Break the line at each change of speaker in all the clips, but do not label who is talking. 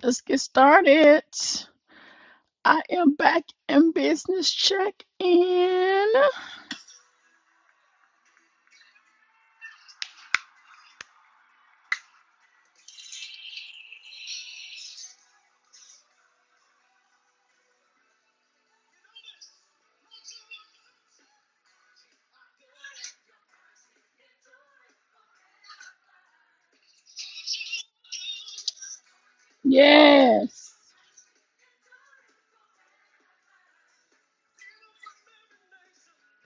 Let's get started. I am back in business check in. Yes,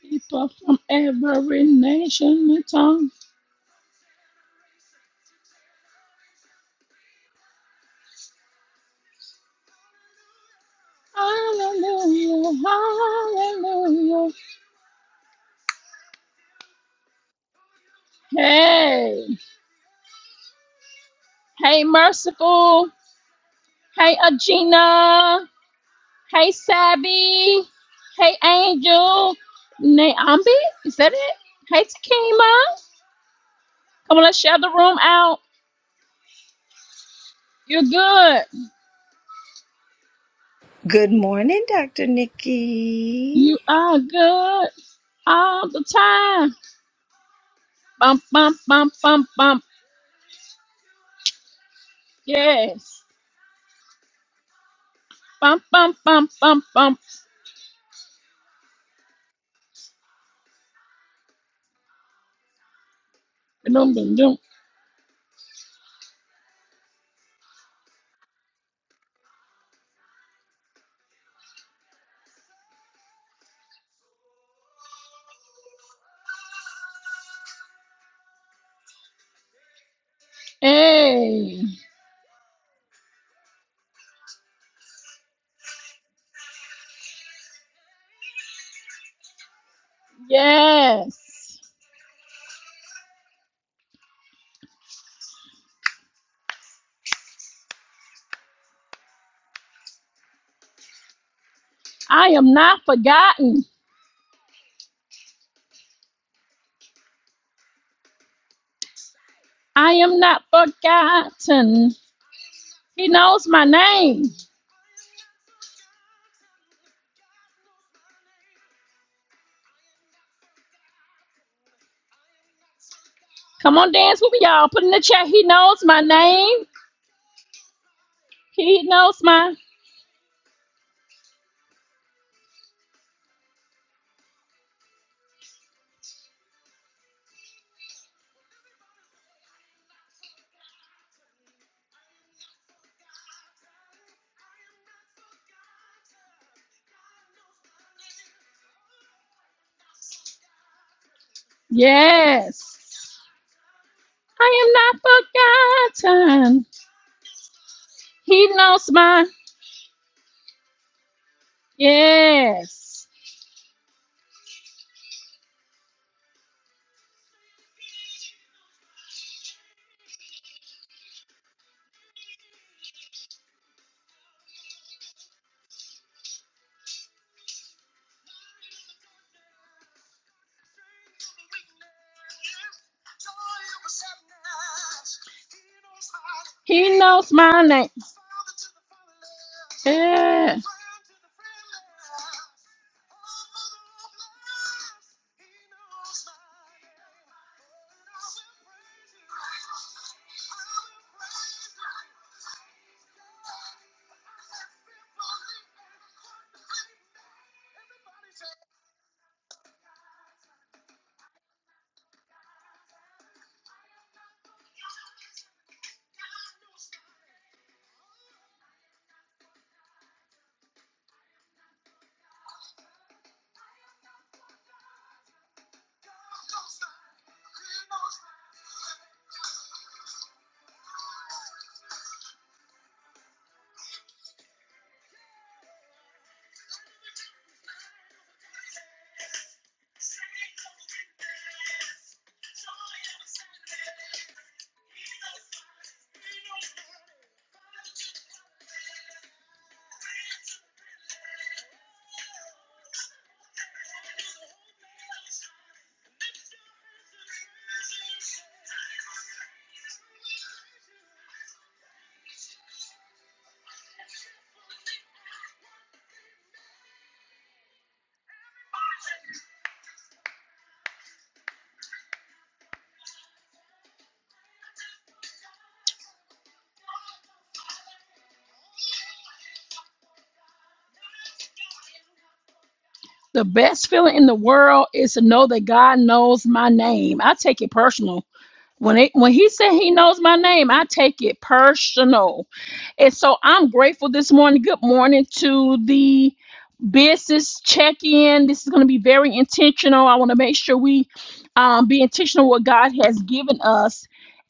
people from every nation and tongue. Hallelujah, hallelujah. Hey, hey, Merciful. Hey, Agena. Hey, Sabby! Hey, Angel. Naambi, is that it? Hey, Takima. Come on, let's share the room out. You're good.
Good morning, Dr. Nikki.
You are good. all the time. Bump, bump, bump, bump, bump. Yes. Bump, bump, bump, bump, bump. Dum, dum, dum. Hey. Yes. I am not forgotten. I am not forgotten. He knows my name. Come on, dance with me, y'all. Put in the chat. He knows my name. He knows my. Yes. I am not forgotten. He knows my. Yes. He knows my name. Yeah. The best feeling in the world is to know that God knows my name. I take it personal. When it when he said he knows my name, I take it personal. And so I'm grateful this morning. Good morning to the business check in. This is going to be very intentional. I want to make sure we um, be intentional what God has given us.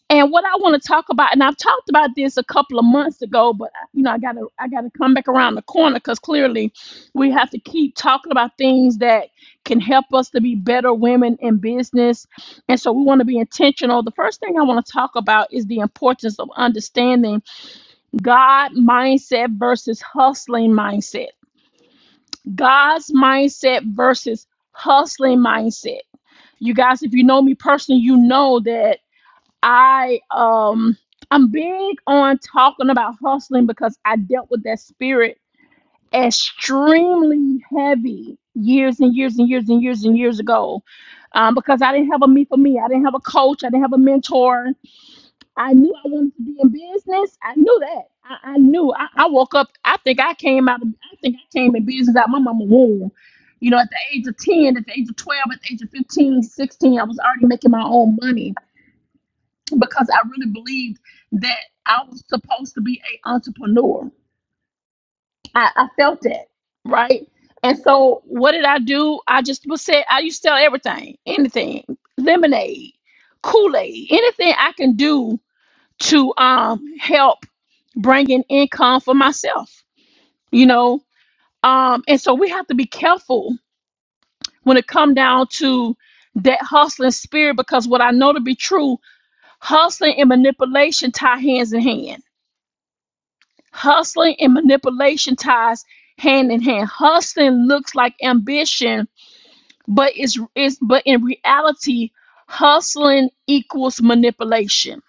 And what I want to talk about, and I've talked about this a couple of months ago, but you know, I gotta, I gotta come back around the corner because clearly, we have to keep talking about things that can help us to be better women in business. And so, we want to be intentional. The first thing I want to talk about is the importance of understanding God mindset versus hustling mindset. God's mindset versus hustling mindset. You guys, if you know me personally, you know that I um I'm big on talking about hustling because I dealt with that spirit extremely heavy years and years and years and years and years ago. Um, because I didn't have a me for me. I didn't have a coach. I didn't have a mentor. I knew I wanted to be in business. I knew that. I, I knew. I, I woke up. I think I came out. Of, I think I came in business out my mama womb. You know, at the age of 10, at the age of 12, at the age of fifteen, sixteen, I was already making my own money because I really believed that I was supposed to be a entrepreneur. I, I felt that, right? And so what did I do? I just was said I used to sell everything, anything, lemonade, Kool-Aid, anything I can do to um help bringing income for myself you know um and so we have to be careful when it come down to that hustling spirit because what i know to be true hustling and manipulation tie hands in hand hustling and manipulation ties hand in hand hustling looks like ambition but it's, it's but in reality hustling equals manipulation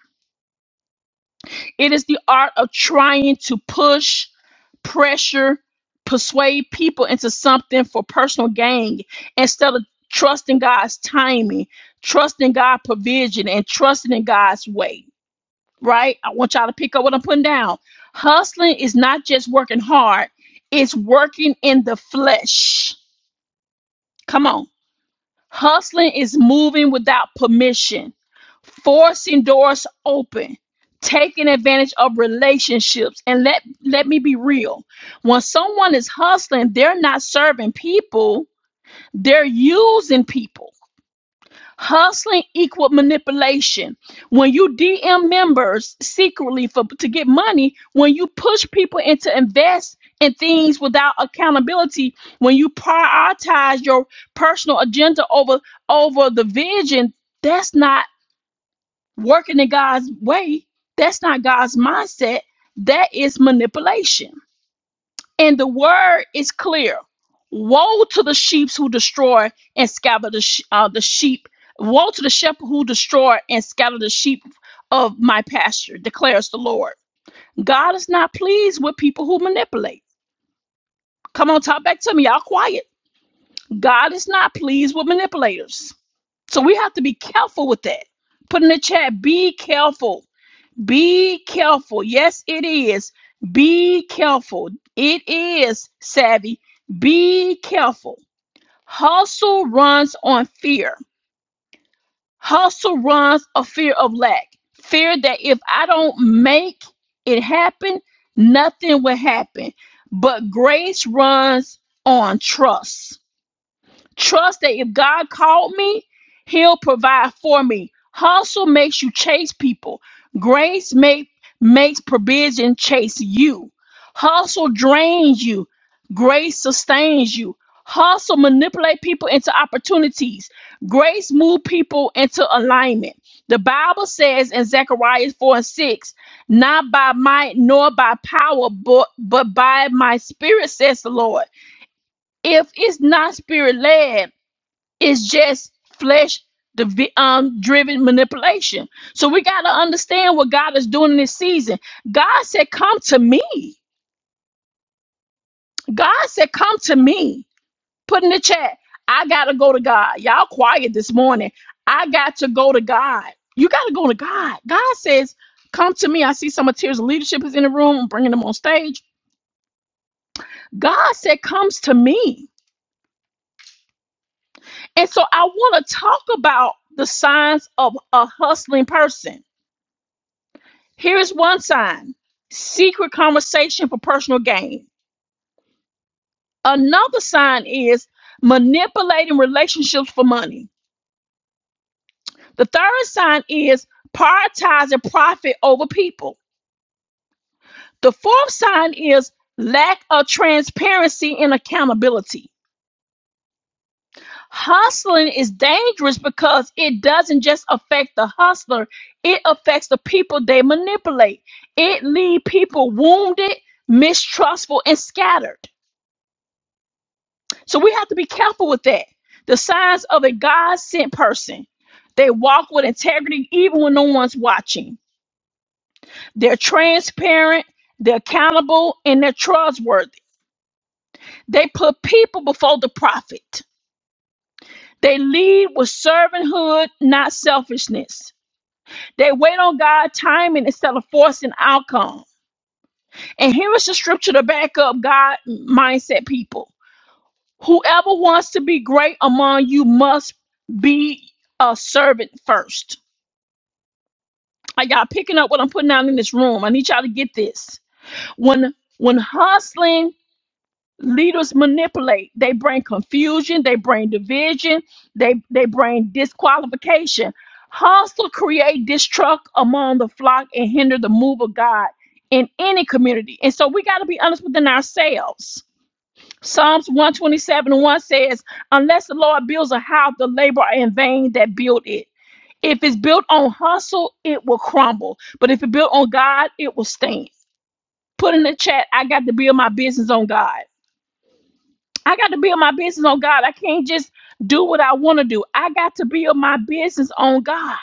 it is the art of trying to push pressure, persuade people into something for personal gain instead of trusting God's timing, trusting God's provision, and trusting in God's way. Right? I want y'all to pick up what I'm putting down. Hustling is not just working hard, it's working in the flesh. Come on. Hustling is moving without permission forcing doors open, taking advantage of relationships. And let let me be real. When someone is hustling, they're not serving people, they're using people. Hustling equal manipulation. When you DM members secretly for to get money, when you push people into invest in things without accountability, when you prioritize your personal agenda over over the vision, that's not working in God's way, that's not God's mindset. That is manipulation. And the word is clear. Woe to the sheep who destroy and scatter the, sh- uh, the sheep. Woe to the shepherd who destroy and scatter the sheep of my pasture, declares the Lord. God is not pleased with people who manipulate. Come on, talk back to me. Y'all quiet. God is not pleased with manipulators. So we have to be careful with that. Put in the chat, be careful Be careful. Yes, it is. Be careful. It is savvy. Be careful. Hustle runs on fear. Hustle runs a fear of lack. Fear that if I don't make it happen, nothing will happen. But grace runs on trust. Trust that if God called me, He'll provide for me. Hustle makes you chase people. Grace make, makes provision chase you. Hustle drains you. Grace sustains you. Hustle manipulate people into opportunities. Grace move people into alignment. The Bible says in Zechariah 4 and 6, not by might nor by power, but, but by my spirit, says the Lord. If it's not spirit led, it's just flesh divi- um, driven manipulation. So we got to understand what God is doing in this season. God said, Come to me. God said, Come to me. Put in the chat, I got to go to God. Y'all quiet this morning. I got to go to God. You got to go to God. God says, Come to me. I see some of Tears of Leadership is in the room, I'm bringing them on stage. God said, Comes to me. And so I want to talk about the signs of a hustling person Here is one sign secret conversation for personal gain. Another sign is manipulating relationships for money. The third sign is prioritizing profit over people. The fourth sign is lack of transparency and accountability. Hustling is dangerous because it doesn't just affect the hustler, it affects the people they manipulate. It leaves people wounded, mistrustful, and scattered. So we have to be careful with that. The signs of a God sent person. They walk with integrity even when no one's watching. They're transparent, they're accountable, and they're trustworthy. They put people before the profit. They lead with servanthood, not selfishness. They wait on God's timing instead of forcing outcome. And here is the scripture to back up God mindset people. Whoever wants to be great among you must be a servant first. Are y'all picking up what I'm putting out in this room? I need y'all to get this. When when hustling leaders manipulate, they bring confusion, they bring division, they they bring disqualification. Hustle create distrust among the flock and hinder the move of God in any community. And so we got to be honest within ourselves Psalms 127 and 1 says, Unless the Lord builds a house, the labor are in vain that build it. If it's built on hustle, it will crumble. But if it's built on God, it will stand. Put in the chat, I got to build my business on God. I got to build my business on God. I can't just do what I want to do. I got to build my business on God.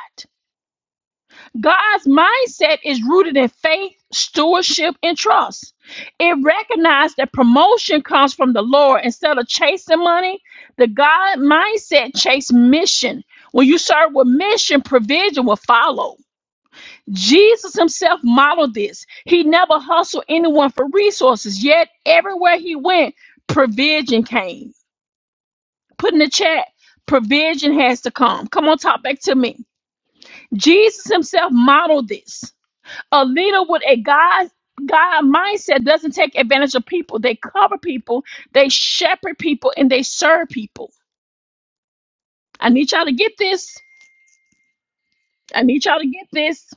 God's mindset is rooted in faith, stewardship, and trust. It recognized that promotion comes from the Lord instead of chasing money. The God mindset chase mission. When you serve with mission, provision will follow. Jesus himself modeled this. He never hustled anyone for resources, yet everywhere he went, provision came. Put in the chat, provision has to come. Come on, talk back to me. Jesus himself modeled this a leader with a God God mindset doesn't take advantage of people. They cover people, they shepherd people, and they serve people. I need y'all to get this. I need y'all to get this.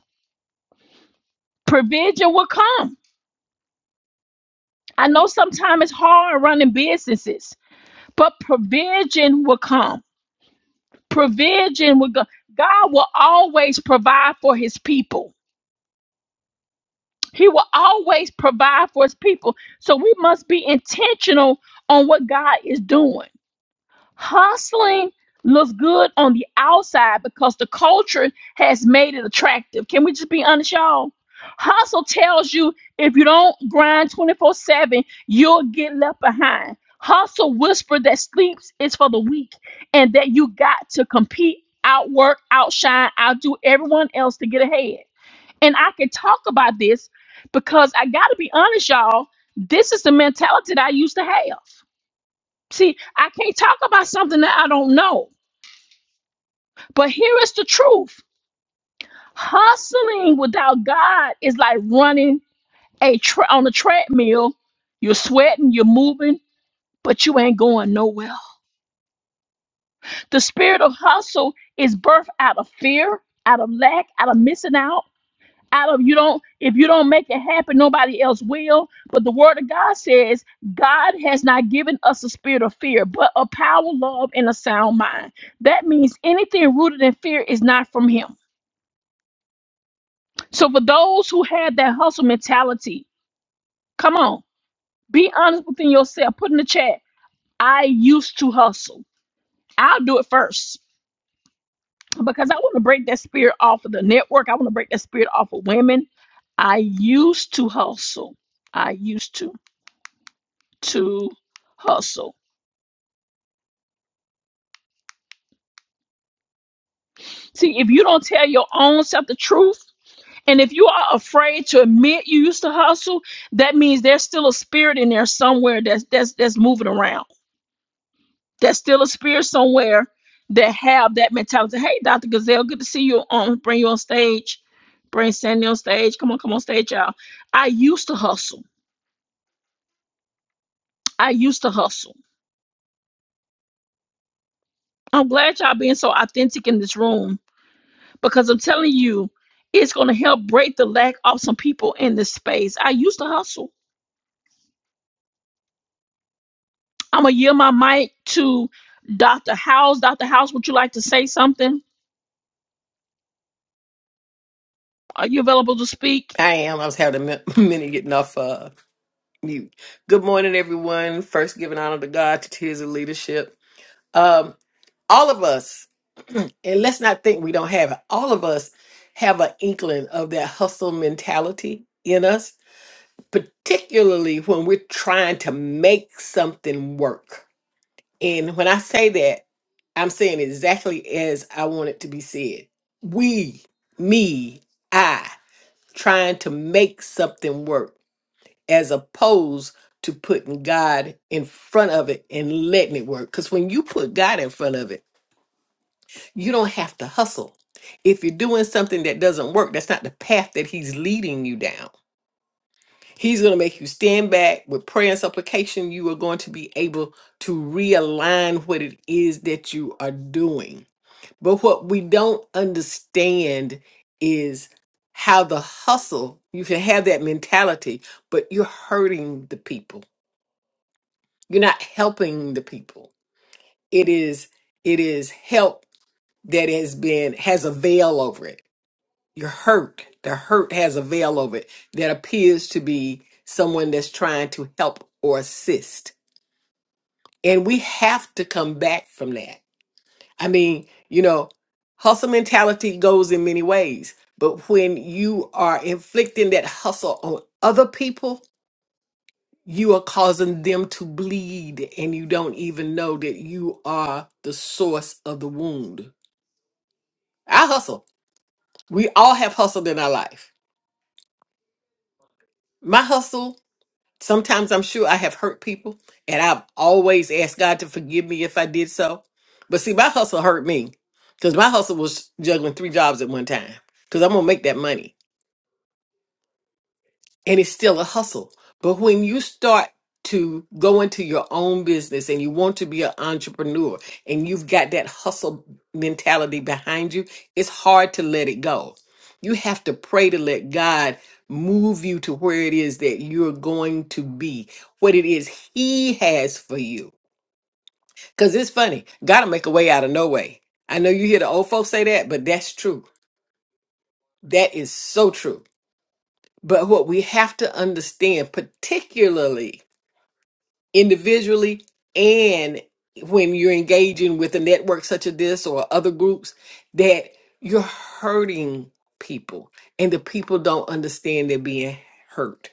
Provision will come. I know sometimes it's hard running businesses, but provision will come. Provision will go. God will always provide for his people. He will always provide for his people. So we must be intentional on what God is doing. Hustling looks good on the outside because the culture has made it attractive. Can we just be honest, y'all? Hustle tells you if you don't grind 24 7, you'll get left behind. Hustle whisper that sleeps is for the weak and that you got to compete, outwork, outshine, outdo everyone else to get ahead. And I can talk about this because I got to be honest, y'all. This is the mentality that I used to have. See, I can't talk about something that I don't know. But here is the truth. Hustling without God is like running a tra- on a treadmill. You're sweating, you're moving, but you ain't going nowhere. The spirit of hustle is birthed out of fear, out of lack, out of missing out, out of you don't if you don't make it happen nobody else will but the word of god says god has not given us a spirit of fear but a power love and a sound mind that means anything rooted in fear is not from him so for those who have that hustle mentality come on be honest within yourself put in the chat i used to hustle i'll do it first because i want to break that spirit off of the network i want to break that spirit off of women i used to hustle i used to to hustle. See, if you don't tell your own self the truth, and if you are afraid to admit you used to hustle, that means there's still a spirit in there somewhere that's that's that's moving around. There's still a spirit somewhere that have that mentality. Hey, Dr. Gazelle, good to see you on. Bring you on stage. Bring Sandy on stage. Come on, come on stage, y'all. I used to hustle. I used to hustle. I'm glad y'all being so authentic in this room because I'm telling you, it's going to help break the lack of some people in this space. I used to hustle. I'm going to yield my mic to Dr. House. Dr. House, would you like to say something? Are you available to speak?
I am. I was having a min- minute getting off uh, mute. Good morning, everyone. First, giving honor to God to tears of leadership. Um, all of us, and let's not think we don't have it. All of us have an inkling of that hustle mentality in us, particularly when we're trying to make something work. And when I say that, I'm saying exactly as I want it to be said. We, me, I, trying to make something work as opposed to putting God in front of it and letting it work. Because when you put God in front of it, you don't have to hustle. If you're doing something that doesn't work, that's not the path that He's leading you down. He's going to make you stand back with prayer and supplication. You are going to be able to realign what it is that you are doing. But what we don't understand is how the hustle, you can have that mentality, but you're hurting the people You're not helping the people. It is it is help that has been has a veil over it. You're hurt. The hurt has a veil over it that appears to be someone that's trying to help or assist. And we have to come back from that. I mean, you know, hustle mentality goes in many ways, but when you are inflicting that hustle on other people, you are causing them to bleed and you don't even know that you are the source of the wound. I hustle. We all have hustled in our life. My hustle, sometimes I'm sure I have hurt people and I've always asked God to forgive me if I did so. But see, my hustle hurt me because my hustle was juggling three jobs at one time because I'm going to make that money. and it's still a hustle. But when you start to go into your own business and you want to be an entrepreneur and you've got that hustle mentality behind you, it's hard to let it go. You have to pray to let God move you to where it is that you're going to be, what it is He has for you. Because it's funny, God will make a way out of no way. I know you hear the old folks say that, but that's true. That is so true. But what we have to understand, particularly individually and when you're engaging with a network such as this or other groups that you're hurting people and the people don't understand they're being hurt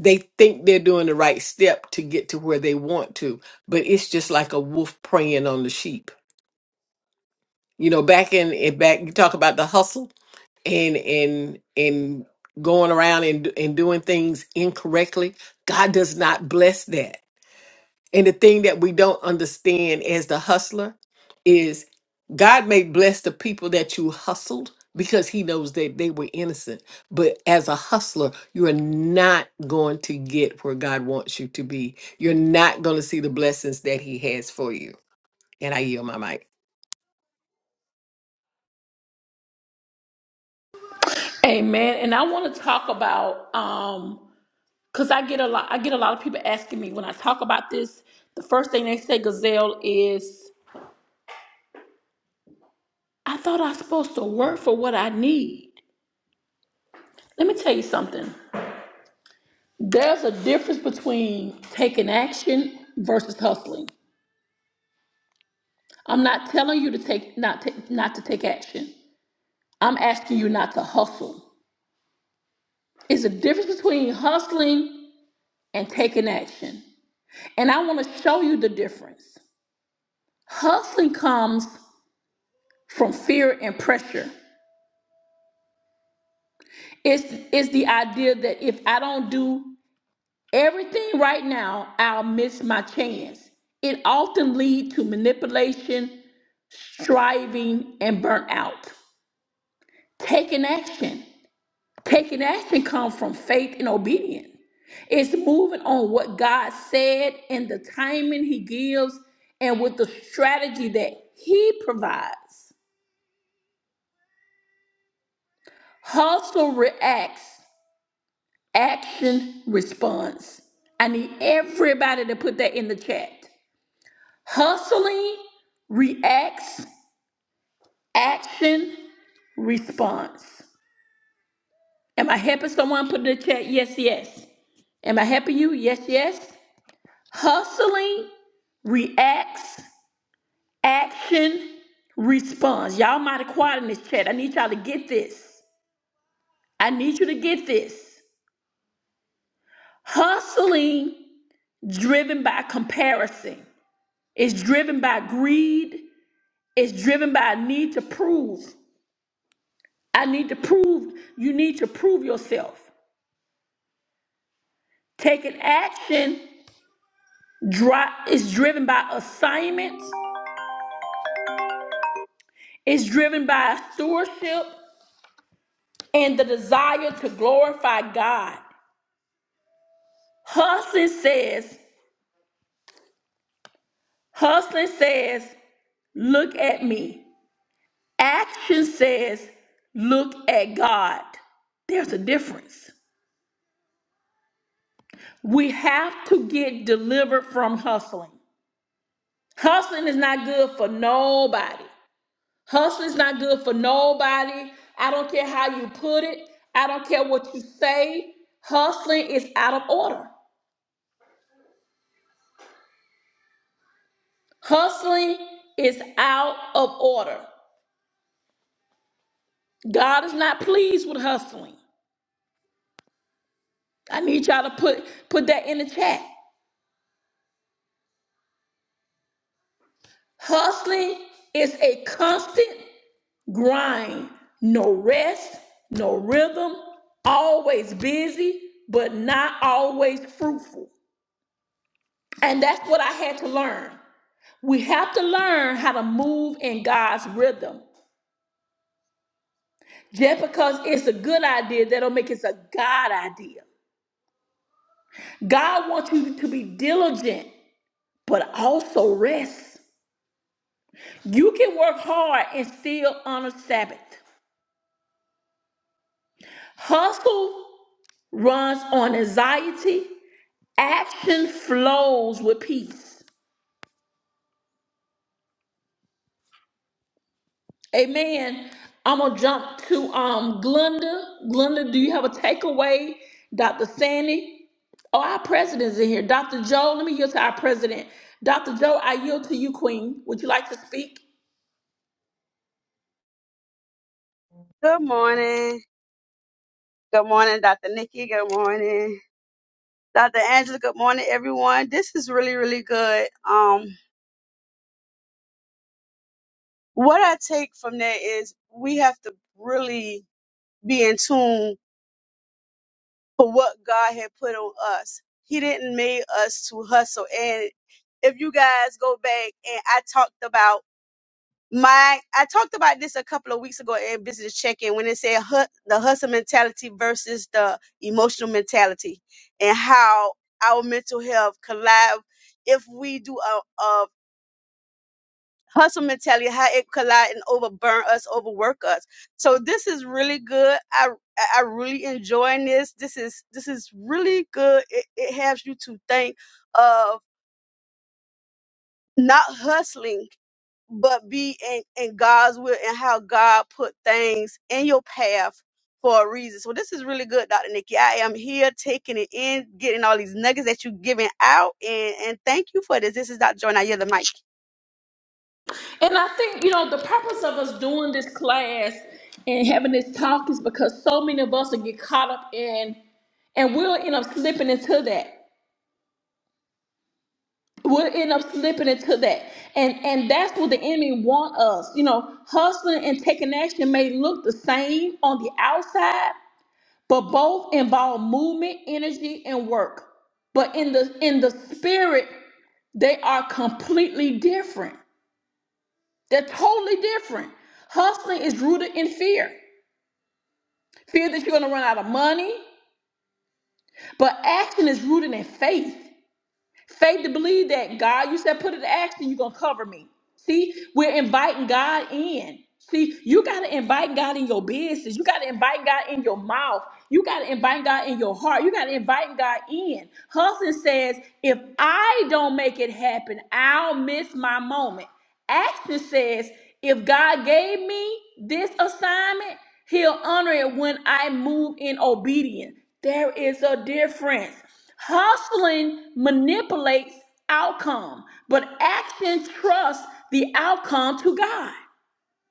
they think they're doing the right step to get to where they want to but it's just like a wolf preying on the sheep you know back in, in back you talk about the hustle and and and going around and and doing things incorrectly god does not bless that And the thing that we don't understand as the hustler is God may bless the people that you hustled because he knows that they were innocent. But as a hustler, you are not going to get where God wants you to be. You're not going to see the blessings that he has for you. And I yield my mic.
Amen. And I want to talk about um because I get a lot I get a lot of people asking me when I talk about this, the first thing they say, Gazelle, is I thought I was supposed to work for what I need. Let me tell you something. There's a difference between taking action versus hustling. I'm not telling you to take not to, not to take action. I'm asking you not to hustle. It's a difference between hustling and taking action. And I want to show you the difference. Hustling comes from fear and pressure. It's it's the idea that if I don't do everything right now, I'll miss my chance. It often leads to manipulation, striving, and burnout. Taking action. Taking action comes from faith and obedience. It's moving on what God said and the timing He gives and with the strategy that He provides. Hustle reacts, action response. I need everybody to put that in the chat. Hustling reacts, action response. Am I helping someone put in the chat? Yes, yes. Am I helping you? Yes, yes. Hustling reacts, action responds. Y'all might have quiet in this chat. I need y'all to get this. I need you to get this. Hustling driven by comparison. It's driven by greed. It's driven by a need to prove. I need to prove. You need to prove yourself. Taking action dri- is driven by assignments. It's driven by stewardship and the desire to glorify God. Hustling says, hustling says, look at me. Action says, look at God. There's a difference. We have to get delivered from hustling. Hustling is not good for nobody. Hustling is not good for nobody. I don't care how you put it, I don't care what you say. Hustling is out of order. Hustling is out of order. God is not pleased with hustling. I need y'all to put put that in the chat. Hustling is a constant grind. No rest, no rhythm, always busy, but not always fruitful. And that's what I had to learn. We have to learn how to move in God's rhythm. Just because it's a good idea, that'll make it a God idea. God wants you to be diligent, but also rest. You can work hard and still honor Sabbath. Hustle runs on anxiety. Action flows with peace. Amen. I'm gonna jump to um Glenda. Glenda, do you have a takeaway? Dr. Sandy. Oh, our president's in here. Dr. Joe, let me yield to our president. Dr. Joe, I yield to you, Queen. Would you like to speak?
Good morning. Good morning, Dr. Nikki. Good morning, Dr. Angela. Good morning, everyone. This is really, really good. Um, what I take from that is we have to really be in tune for what God had put on us. He didn't make us to hustle. And if you guys go back and I talked about my I talked about this a couple of weeks ago at business check-in when it said hu- the hustle mentality versus the emotional mentality and how our mental health collide if we do a, a hustle mentality how it collide and overburn us overwork us so this is really good i i I really enjoying this this is this is really good it, it helps you to think of not hustling but be in, in God's will and how God put things in your path for a reason. So this is really good, Dr. Nikki. I am here taking it in, getting all these nuggets that you're giving out, and, and thank you for this. This is Dr. Joy. I hear the mic.
And I think, you know, the purpose of us doing this class and having this talk is because so many of us will get caught up in, and we'll end up slipping into that. we'll end up slipping into that and and that's what the enemy want us you know hustling and taking action may look the same on the outside but both involve movement energy and work but in the in the spirit they are completely different they're totally different hustling is rooted in fear fear that you're going to run out of money but action is rooted in faith Faith to believe that God, you said, put it to action, you're going to cover me. See, we're inviting God in. See, you got to invite God in your business. You got to invite God in your mouth. You got to invite God in your heart. You got to invite God in. Hudson says, if I don't make it happen, I'll miss my moment. Action says, if God gave me this assignment, he'll honor it when I move in obedience. There is a difference. Hustling manipulates outcome, but action trusts the outcome to God.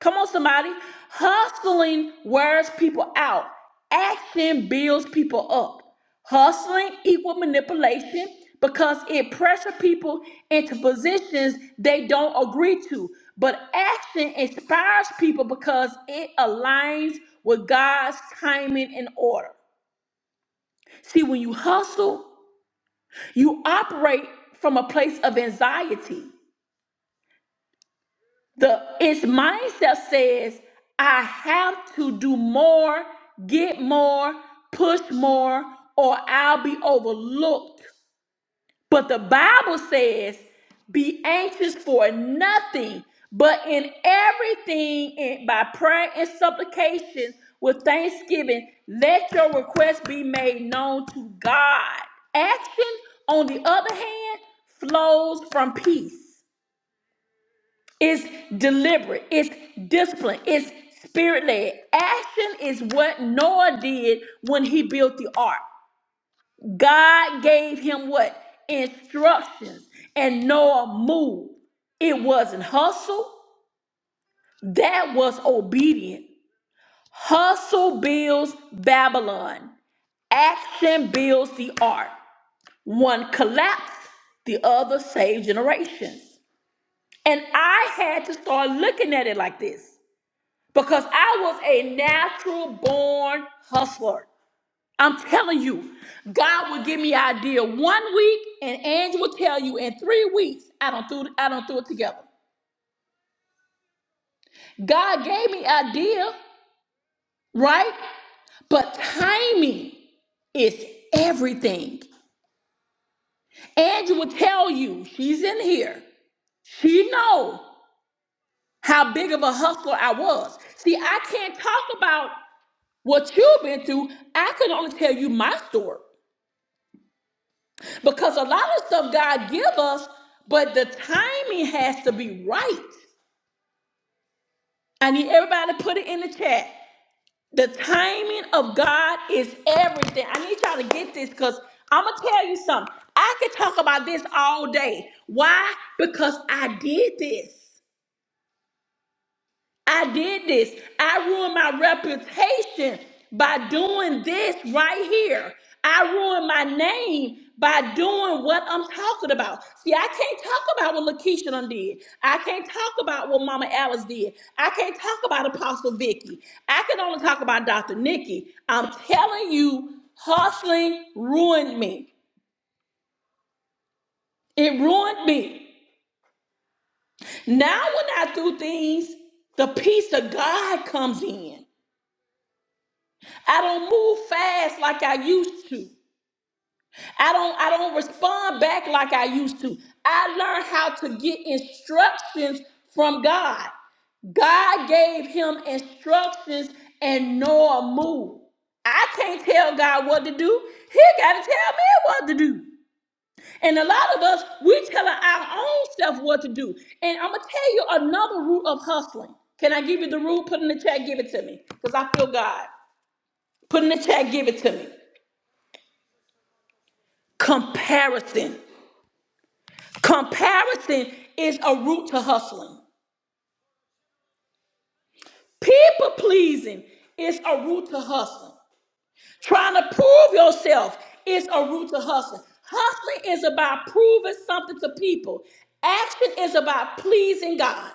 Come on, somebody. Hustling wears people out. Action builds people up. Hustling equal manipulation because it pressures people into positions they don't agree to. But action inspires people because it aligns with God's timing and order. See, when you hustle, you operate from a place of anxiety. The its mindset says, I have to do more, get more, push more, or I'll be overlooked. But the Bible says, be anxious for nothing, but in everything, in, by prayer and supplication, with thanksgiving, let your requests be made known to God. Action, on the other hand, flows from peace. It's deliberate, it's disciplined, it's spirit led. Action is what Noah did when he built the ark. God gave him what? Instructions. And Noah moved. It wasn't hustle, that was obedient. Hustle builds Babylon, action builds the ark. One collapsed, the other saved generations. And I had to start looking at it like this because I was a natural born hustler. I'm telling you, God will give me an idea one week, and Angie will tell you in three weeks I don't do I don't do it together. God gave me idea, right? But timing is everything. Angie will tell you she's in here. She know how big of a hustler I was. See, I can't talk about what you've been through. I can only tell you my story. Because a lot of stuff God give us, but the timing has to be right. I need everybody to put it in the chat. The timing of God is everything. I need y'all to get this because I'm gonna tell you something. I could talk about this all day. Why? Because I did this. I did this. I ruined my reputation by doing this right here. I ruined my name by doing what I'm talking about. See, I can't talk about what Lakeisha done did. I can't talk about what Mama Alice did. I can't talk about Apostle Vicky. I can only talk about Dr. Nikki. I'm telling you, hustling ruined me. It ruined me. Now, when I do things, the peace of God comes in. I don't move fast like I used to. I don't I don't respond back like I used to. I learned how to get instructions from God. God gave him instructions and Noah moved. I can't tell God what to do. He got to tell me what to do. And a lot of us, we telling our own self what to do. And I'm going to tell you another root of hustling. Can I give you the rule? Put in the chat, give it to me. Because I feel God. Put in the chat, give it to me. Comparison. Comparison is a route to hustling. People pleasing is a route to hustling. Trying to prove yourself is a route to hustling. Hustling is about proving something to people. Action is about pleasing God.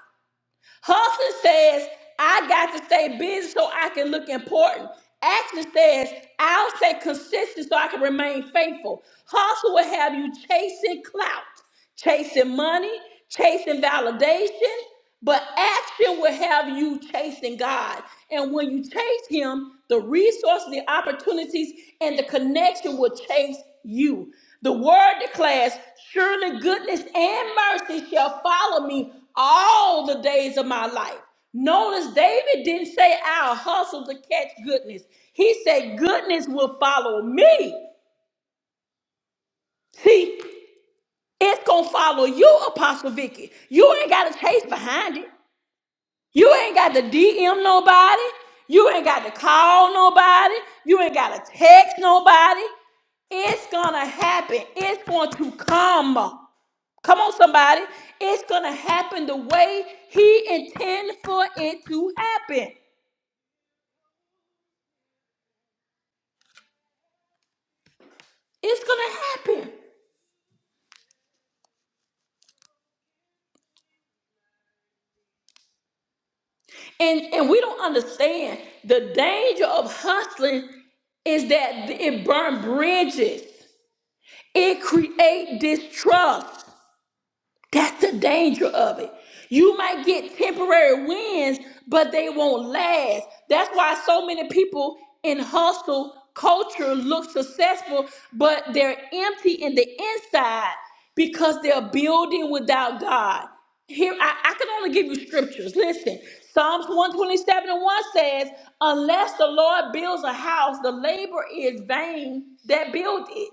Hustle says, I got to stay busy so I can look important. Action says, I'll stay consistent so I can remain faithful. Hustle will have you chasing clout, chasing money, chasing validation, but action will have you chasing God. And when you chase Him, the resources, the opportunities, and the connection will chase you. The word declares Surely goodness and mercy shall follow me all the days of my life. Notice David didn't say, I'll hustle to catch goodness. He said, Goodness will follow me. See, it's going to follow you, Apostle Vicky. You ain't got to chase behind it. You ain't got to DM nobody. You ain't got to call nobody. You ain't got to text nobody. It's going to happen. It's going to come. Come on, somebody. It's going to happen the way he intends for it to happen. It's going to happen. And, and we don't understand the danger of hustling is that it burn bridges. It create distrust. That's the danger of it. You might get temporary wins, but they won't last. That's why so many people in hustle culture look successful, but they're empty in the inside because they're building without God. Here, I, I can only give you scriptures. Listen, Psalms 127 and 1 says, Unless the Lord builds a house, the labor is vain that build it.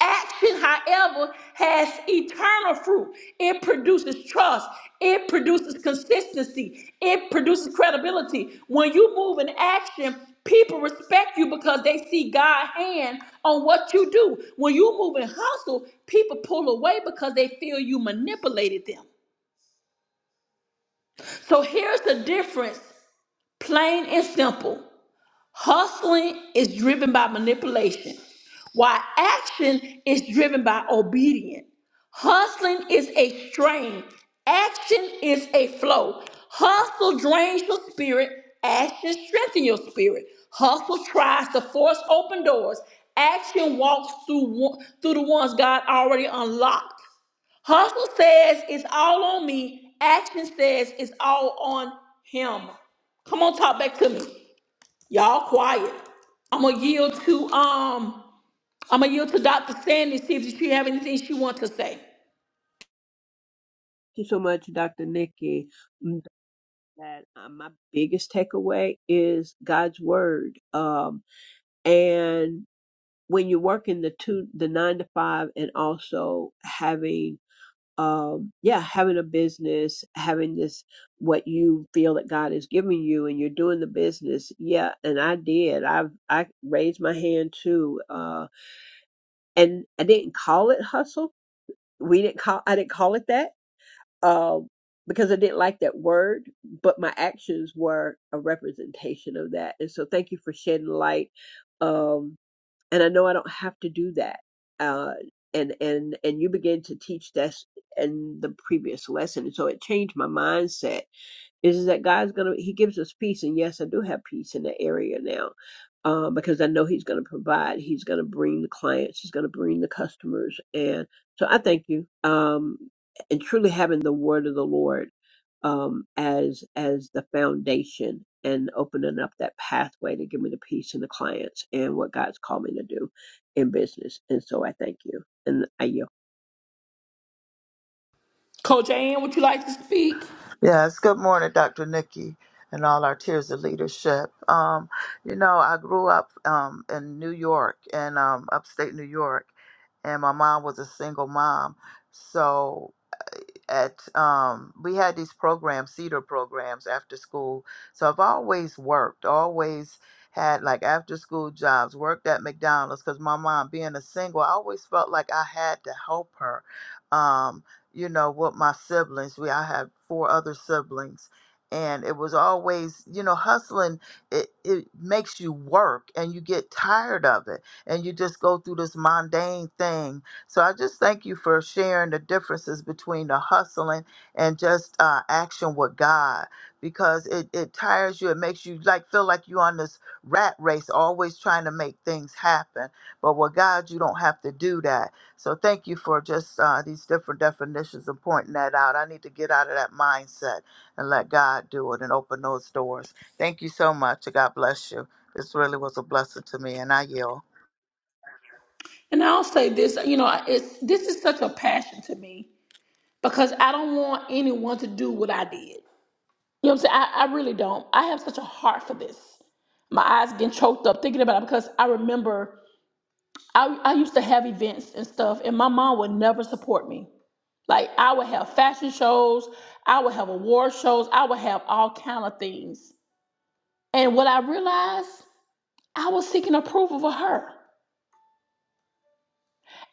Action, however, has eternal fruit. It produces trust. It produces consistency. It produces credibility. When you move in action, people respect you because they see God's hand on what you do. When you move in hustle, people pull away because they feel you manipulated them. So here's the difference, plain and simple. Hustling is driven by manipulation, while action is driven by obedience. Hustling is a strain, action is a flow. Hustle drains your spirit, action strengthens your spirit. Hustle tries to force open doors, action walks through, one- through the ones God already unlocked. Hustle says it's all on me, action says it's all on Him. Come on, talk back to me. Y'all quiet. I'm gonna yield to um. I'm gonna yield to Dr. Sandy see if she have anything she want to say.
Thank you so much, Dr. Nikki. Mm, That uh, my biggest takeaway is God's word. Um, and when you're working the two, the nine to five, and also having, um, yeah, having a business, having this what you feel that God is giving you, and you're doing the business. Yeah, and I did. I've I raised my hand too, uh, and I didn't call it hustle. We didn't call. I didn't call it that um, because I didn't like that word, but my actions were a representation of that. And so thank you for shedding light. Um, and I know I don't have to do that. Uh, and, and, and you begin to teach this in the previous lesson. And so it changed my mindset is that God's gonna He gives us peace, and yes, I do have peace in that area now, um, because I know He's gonna provide. He's gonna bring the clients. He's gonna bring the customers, and so I thank you. Um, and truly having the Word of the Lord um, as as the foundation and opening up that pathway to give me the peace and the clients and what God's called me to do in business. And so I thank you, and I yield.
Coach Ann, would you like to speak?
Yes, good morning, Dr. Nikki, and all our tiers of leadership. Um, you know, I grew up um, in New York, in um, upstate New York, and my mom was a single mom. So at um we had these programs cedar programs after school so i've always worked always had like after school jobs worked at mcdonald's because my mom being a single i always felt like i had to help her um you know with my siblings we i had four other siblings and it was always you know hustling it, it makes you work and you get tired of it and you just go through this mundane thing so I just thank you for sharing the differences between the hustling and just uh, action with God because it, it tires you. It makes you like feel like you're on this rat race, always trying to make things happen. But with God, you don't have to do that. So thank you for just uh, these different definitions and pointing that out. I need to get out of that mindset and let God do it and open those doors. Thank you so much. God bless you. This really was a blessing to me, and I yield.
And I'll say this. You know, it's this is such a passion to me because I don't want anyone to do what I did. You know what I'm saying? I, I really don't. I have such a heart for this. My eyes getting choked up thinking about it because I remember I, I used to have events and stuff, and my mom would never support me. Like I would have fashion shows, I would have award shows, I would have all kind of things. And what I realized, I was seeking approval for her.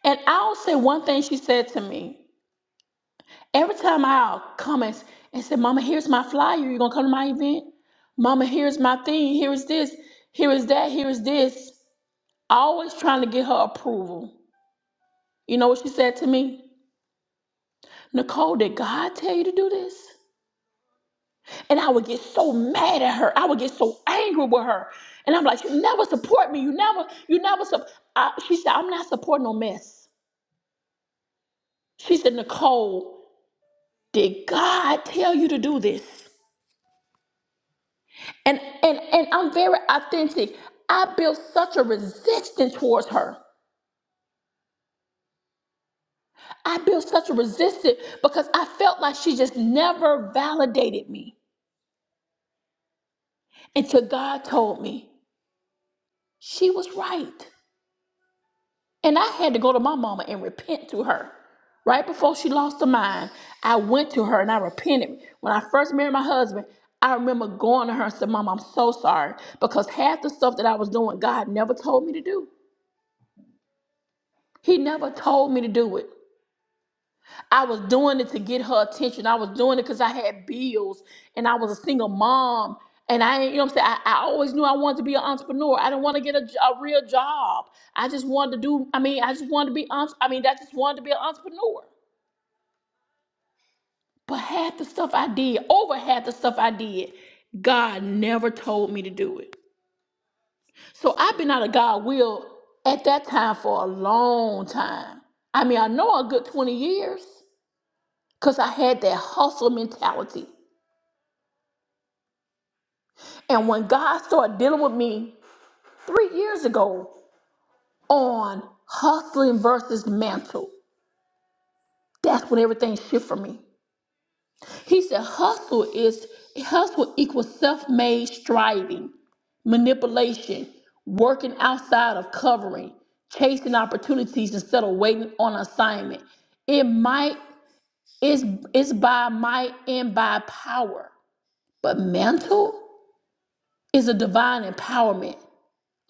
And I'll say one thing she said to me. Every time I'll come and, and say, Mama, here's my flyer. You gonna come to my event? Mama, here's my thing. Here is this. Here is that. Here is this. Always trying to get her approval. You know what she said to me? Nicole, did God tell you to do this? And I would get so mad at her. I would get so angry with her. And I'm like, you never support me. You never, you never support. She said, I'm not supporting no mess. She said, Nicole, did God tell you to do this? And and and I'm very authentic. I built such a resistance towards her. I built such a resistance because I felt like she just never validated me until God told me she was right. And I had to go to my mama and repent to her. Right before she lost her mind, I went to her and I repented. When I first married my husband, I remember going to her and said, Mom, I'm so sorry because half the stuff that I was doing, God never told me to do. He never told me to do it. I was doing it to get her attention. I was doing it because I had bills and I was a single mom. And I, ain't- you know what I'm saying? I, I always knew I wanted to be an entrepreneur. I didn't want to get a, j- a real job. I just wanted to do, I mean, I just wanted to be, entre- I mean, I just wanted to be an entrepreneur. But half the stuff I did, over half the stuff I did, God never told me to do it. So I've been out of God will at that time for a long time. I mean, I know a good 20 years because I had that hustle mentality. And when God started dealing with me three years ago on hustling versus mantle, that's when everything shifted for me. He said hustle is hustle equals self-made striving, manipulation, working outside of covering, chasing opportunities instead of waiting on assignment. It might it's it's by might and by power. But mantle is a divine empowerment.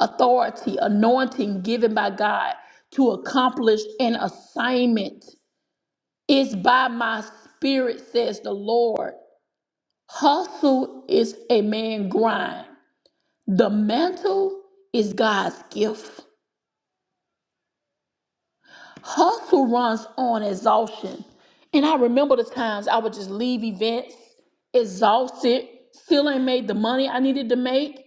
authority, anointing given by God to accomplish an assignment. It's by my spirit, says the Lord. Hustle is a man grind. The mantle is God's gift. Hustle runs on exhaustion. And I remember the times I would just leave events exhausted, still ain't made the money I needed to make.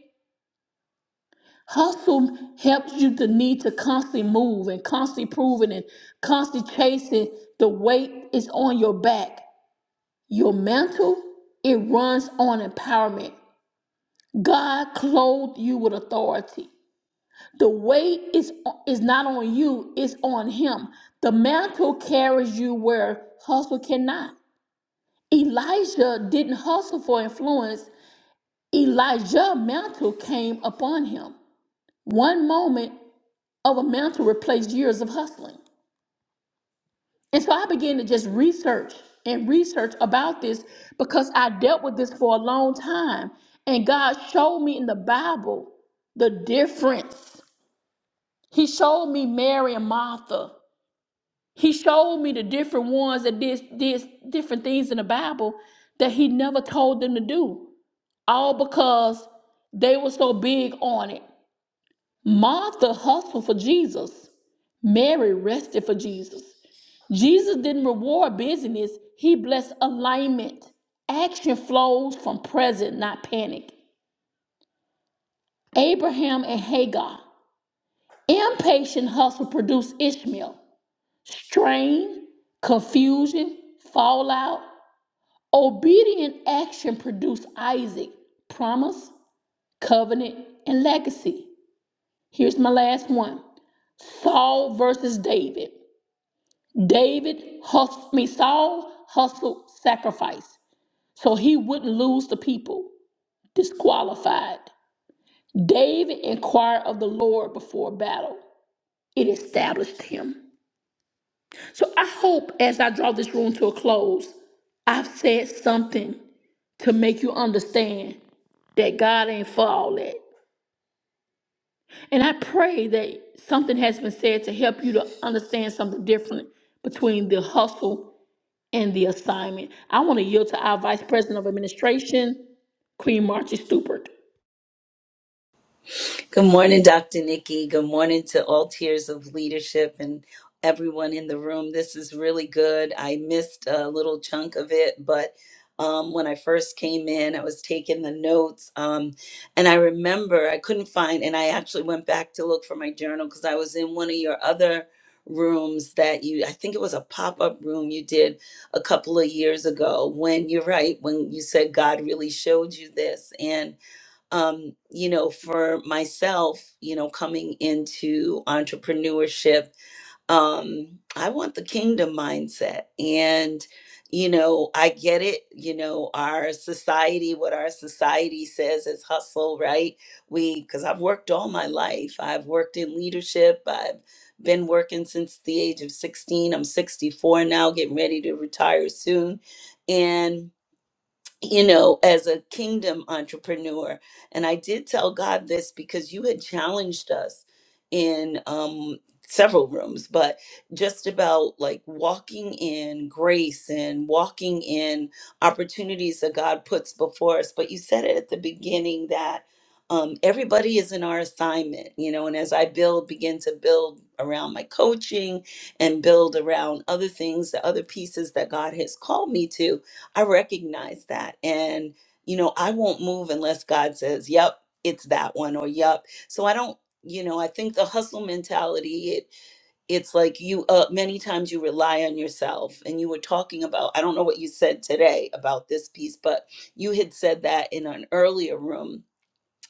Hustle helps you to need to constantly move and constantly proving and constantly chasing. The weight is on your back. Your mantle, it runs on empowerment. God clothed you with authority. The weight is, is not on you, it's on him. The mantle carries you where hustle cannot. Elijah didn't hustle for influence. Elijah mantle came upon him. One moment of a amount to replace years of hustling. And so I began to just research and research about this because I dealt with this for a long time. And God showed me in the Bible the difference. He showed me Mary and Martha. He showed me the different ones that did, did different things in the Bible that he never told them to do, all because they were so big on it. Martha hustled for Jesus. Mary rested for Jesus. Jesus didn't reward busyness, he blessed alignment. Action flows from present, not panic. Abraham and Hagar. Impatient hustle produced Ishmael. Strain, confusion, fallout. Obedient action produced Isaac. Promise, covenant, and legacy. Here's my last one Saul versus David. David hustled, I mean, Saul hustled sacrifice. so he wouldn't lose the people disqualified. David inquired of the Lord before battle, it established him. So I hope as I draw this room to a close, I've said something to make you understand that God ain't for all that. And I pray that something has been said to help you to understand something different between the hustle and the assignment. I want to yield to our Vice President of Administration, Queen Margie Stupert.
Good morning, Dr. Nikki. Good morning to all tiers of leadership and everyone in the room. This is really good. I missed a little chunk of it, but um, when I first came in, I was taking the notes. Um, and I remember I couldn't find, and I actually went back to look for my journal because I was in one of your other rooms that you, I think it was a pop up room you did a couple of years ago when you're right, when you said God really showed you this. And um, you know, for myself, you know, coming into entrepreneurship, um, I want the kingdom mindset. And, you know, I get it, you know, our society, what our society says is hustle, right? We, because I've worked all my life, I've worked in leadership, I've been working since the age of 16. I'm 64 now, getting ready to retire soon you know, as a kingdom entrepreneur. And I did tell God this because you had challenged us in um, several rooms, but just about like walking in grace and walking in opportunities that God puts before us. But you said it at the beginning that. Um, everybody is in our assignment, you know, and as I build, begin to build around my coaching and build around other things, the other pieces that God has called me to, I recognize that. And, you know, I won't move unless God says, yep, it's that one or yep. So I don't, you know, I think the hustle mentality, it it's like you uh many times you rely on yourself and you were talking about, I don't know what you said today about this piece, but you had said that in an earlier room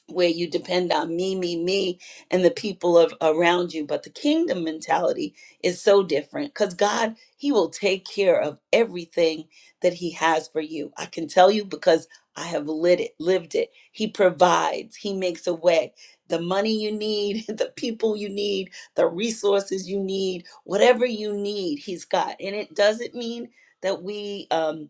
where you depend on me, me, me, and the people of around you. But the kingdom mentality is so different because God, He will take care of everything that He has for you. I can tell you because I have lit it, lived it. He provides, He makes a way. The money you need, the people you need, the resources you need, whatever you need, He's got. And it doesn't mean that we um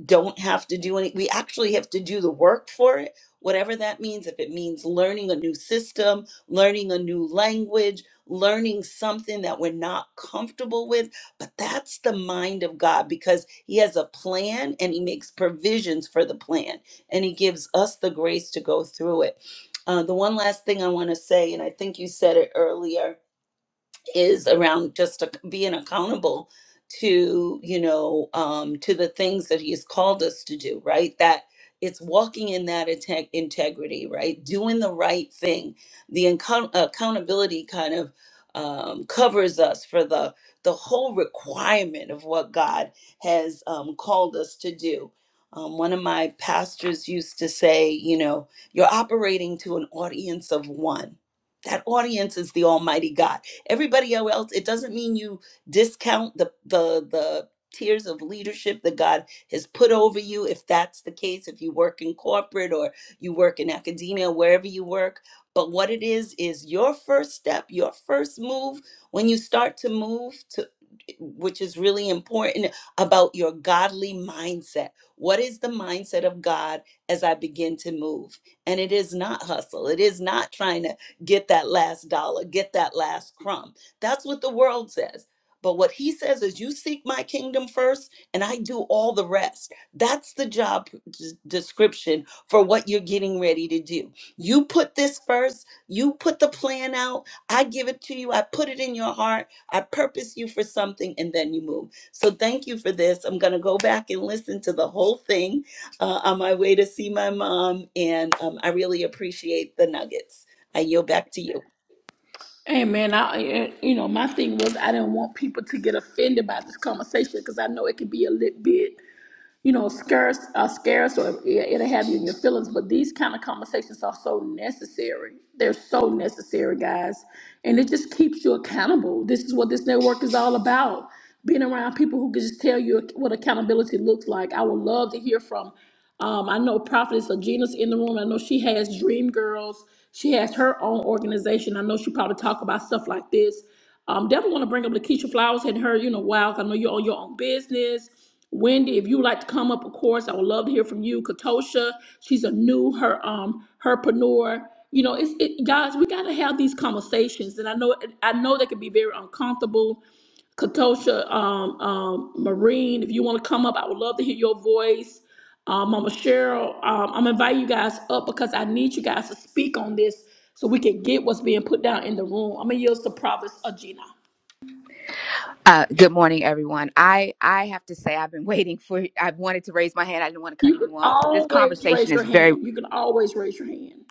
that don't have to do any we actually have to do the work for it whatever that means if it means learning a new system learning a new language learning something that we're not comfortable with but that's the mind of god because he has a plan and he makes provisions for the plan and he gives us the grace to go through it uh, the one last thing i want to say and i think you said it earlier is around just ac- being accountable to you know um to the things that he's called us to do right that it's walking in that inte- integrity right doing the right thing the account- accountability kind of um, covers us for the the whole requirement of what god has um, called us to do um, one of my pastors used to say you know you're operating to an audience of one that audience is the almighty god everybody else it doesn't mean you discount the the the tiers of leadership that god has put over you if that's the case if you work in corporate or you work in academia wherever you work but what it is is your first step your first move when you start to move to which is really important about your godly mindset what is the mindset of god as i begin to move and it is not hustle it is not trying to get that last dollar, get that last crumb. That's what the world says. But what he says is, you seek my kingdom first, and I do all the rest. That's the job des- description for what you're getting ready to do. You put this first, you put the plan out, I give it to you, I put it in your heart, I purpose you for something, and then you move. So thank you for this. I'm going to go back and listen to the whole thing uh, on my way to see my mom, and um, I really appreciate the nuggets. I yield back to you.
Hey man, I eh, you know my thing was I didn't want people to get offended by this conversation because I know it could be a little bit you know, scarce are scarce or it- it'll have you in your feelings. But these kind of conversations are so necessary. They're so necessary, guys. And it just keeps you accountable. This is what this network is all about. Being around people who can just tell you what accountability looks like. I would love to hear from um, I know Prophetess Gina's in the room. I know she has Dream Girls. She has her own organization. I know she probably talk about stuff like this. Um, definitely want to bring up Lakeisha Flowers Hadn't heard you in a wow, 'cause I know you are on your own business. Wendy, if you would like to come up, of course, I would love to hear from you. Katosha, she's a new her um herpreneur. You know, it's it, guys, we gotta have these conversations, and I know I know they can be very uncomfortable. Katosha, um, um, Marine, if you want to come up, I would love to hear your voice. Um, Mama Cheryl, um, I'm inviting you guys up because I need you guys to speak on this so we can get what's being put down in the room. I'm gonna yield to prophet Agena.
Uh, good morning, everyone. I, I have to say, I've been waiting for, I wanted to raise my hand. I didn't want to cut
You can
anyone off, but this
always
conversation
raise
is
your
very,
hand. You can always raise your hand.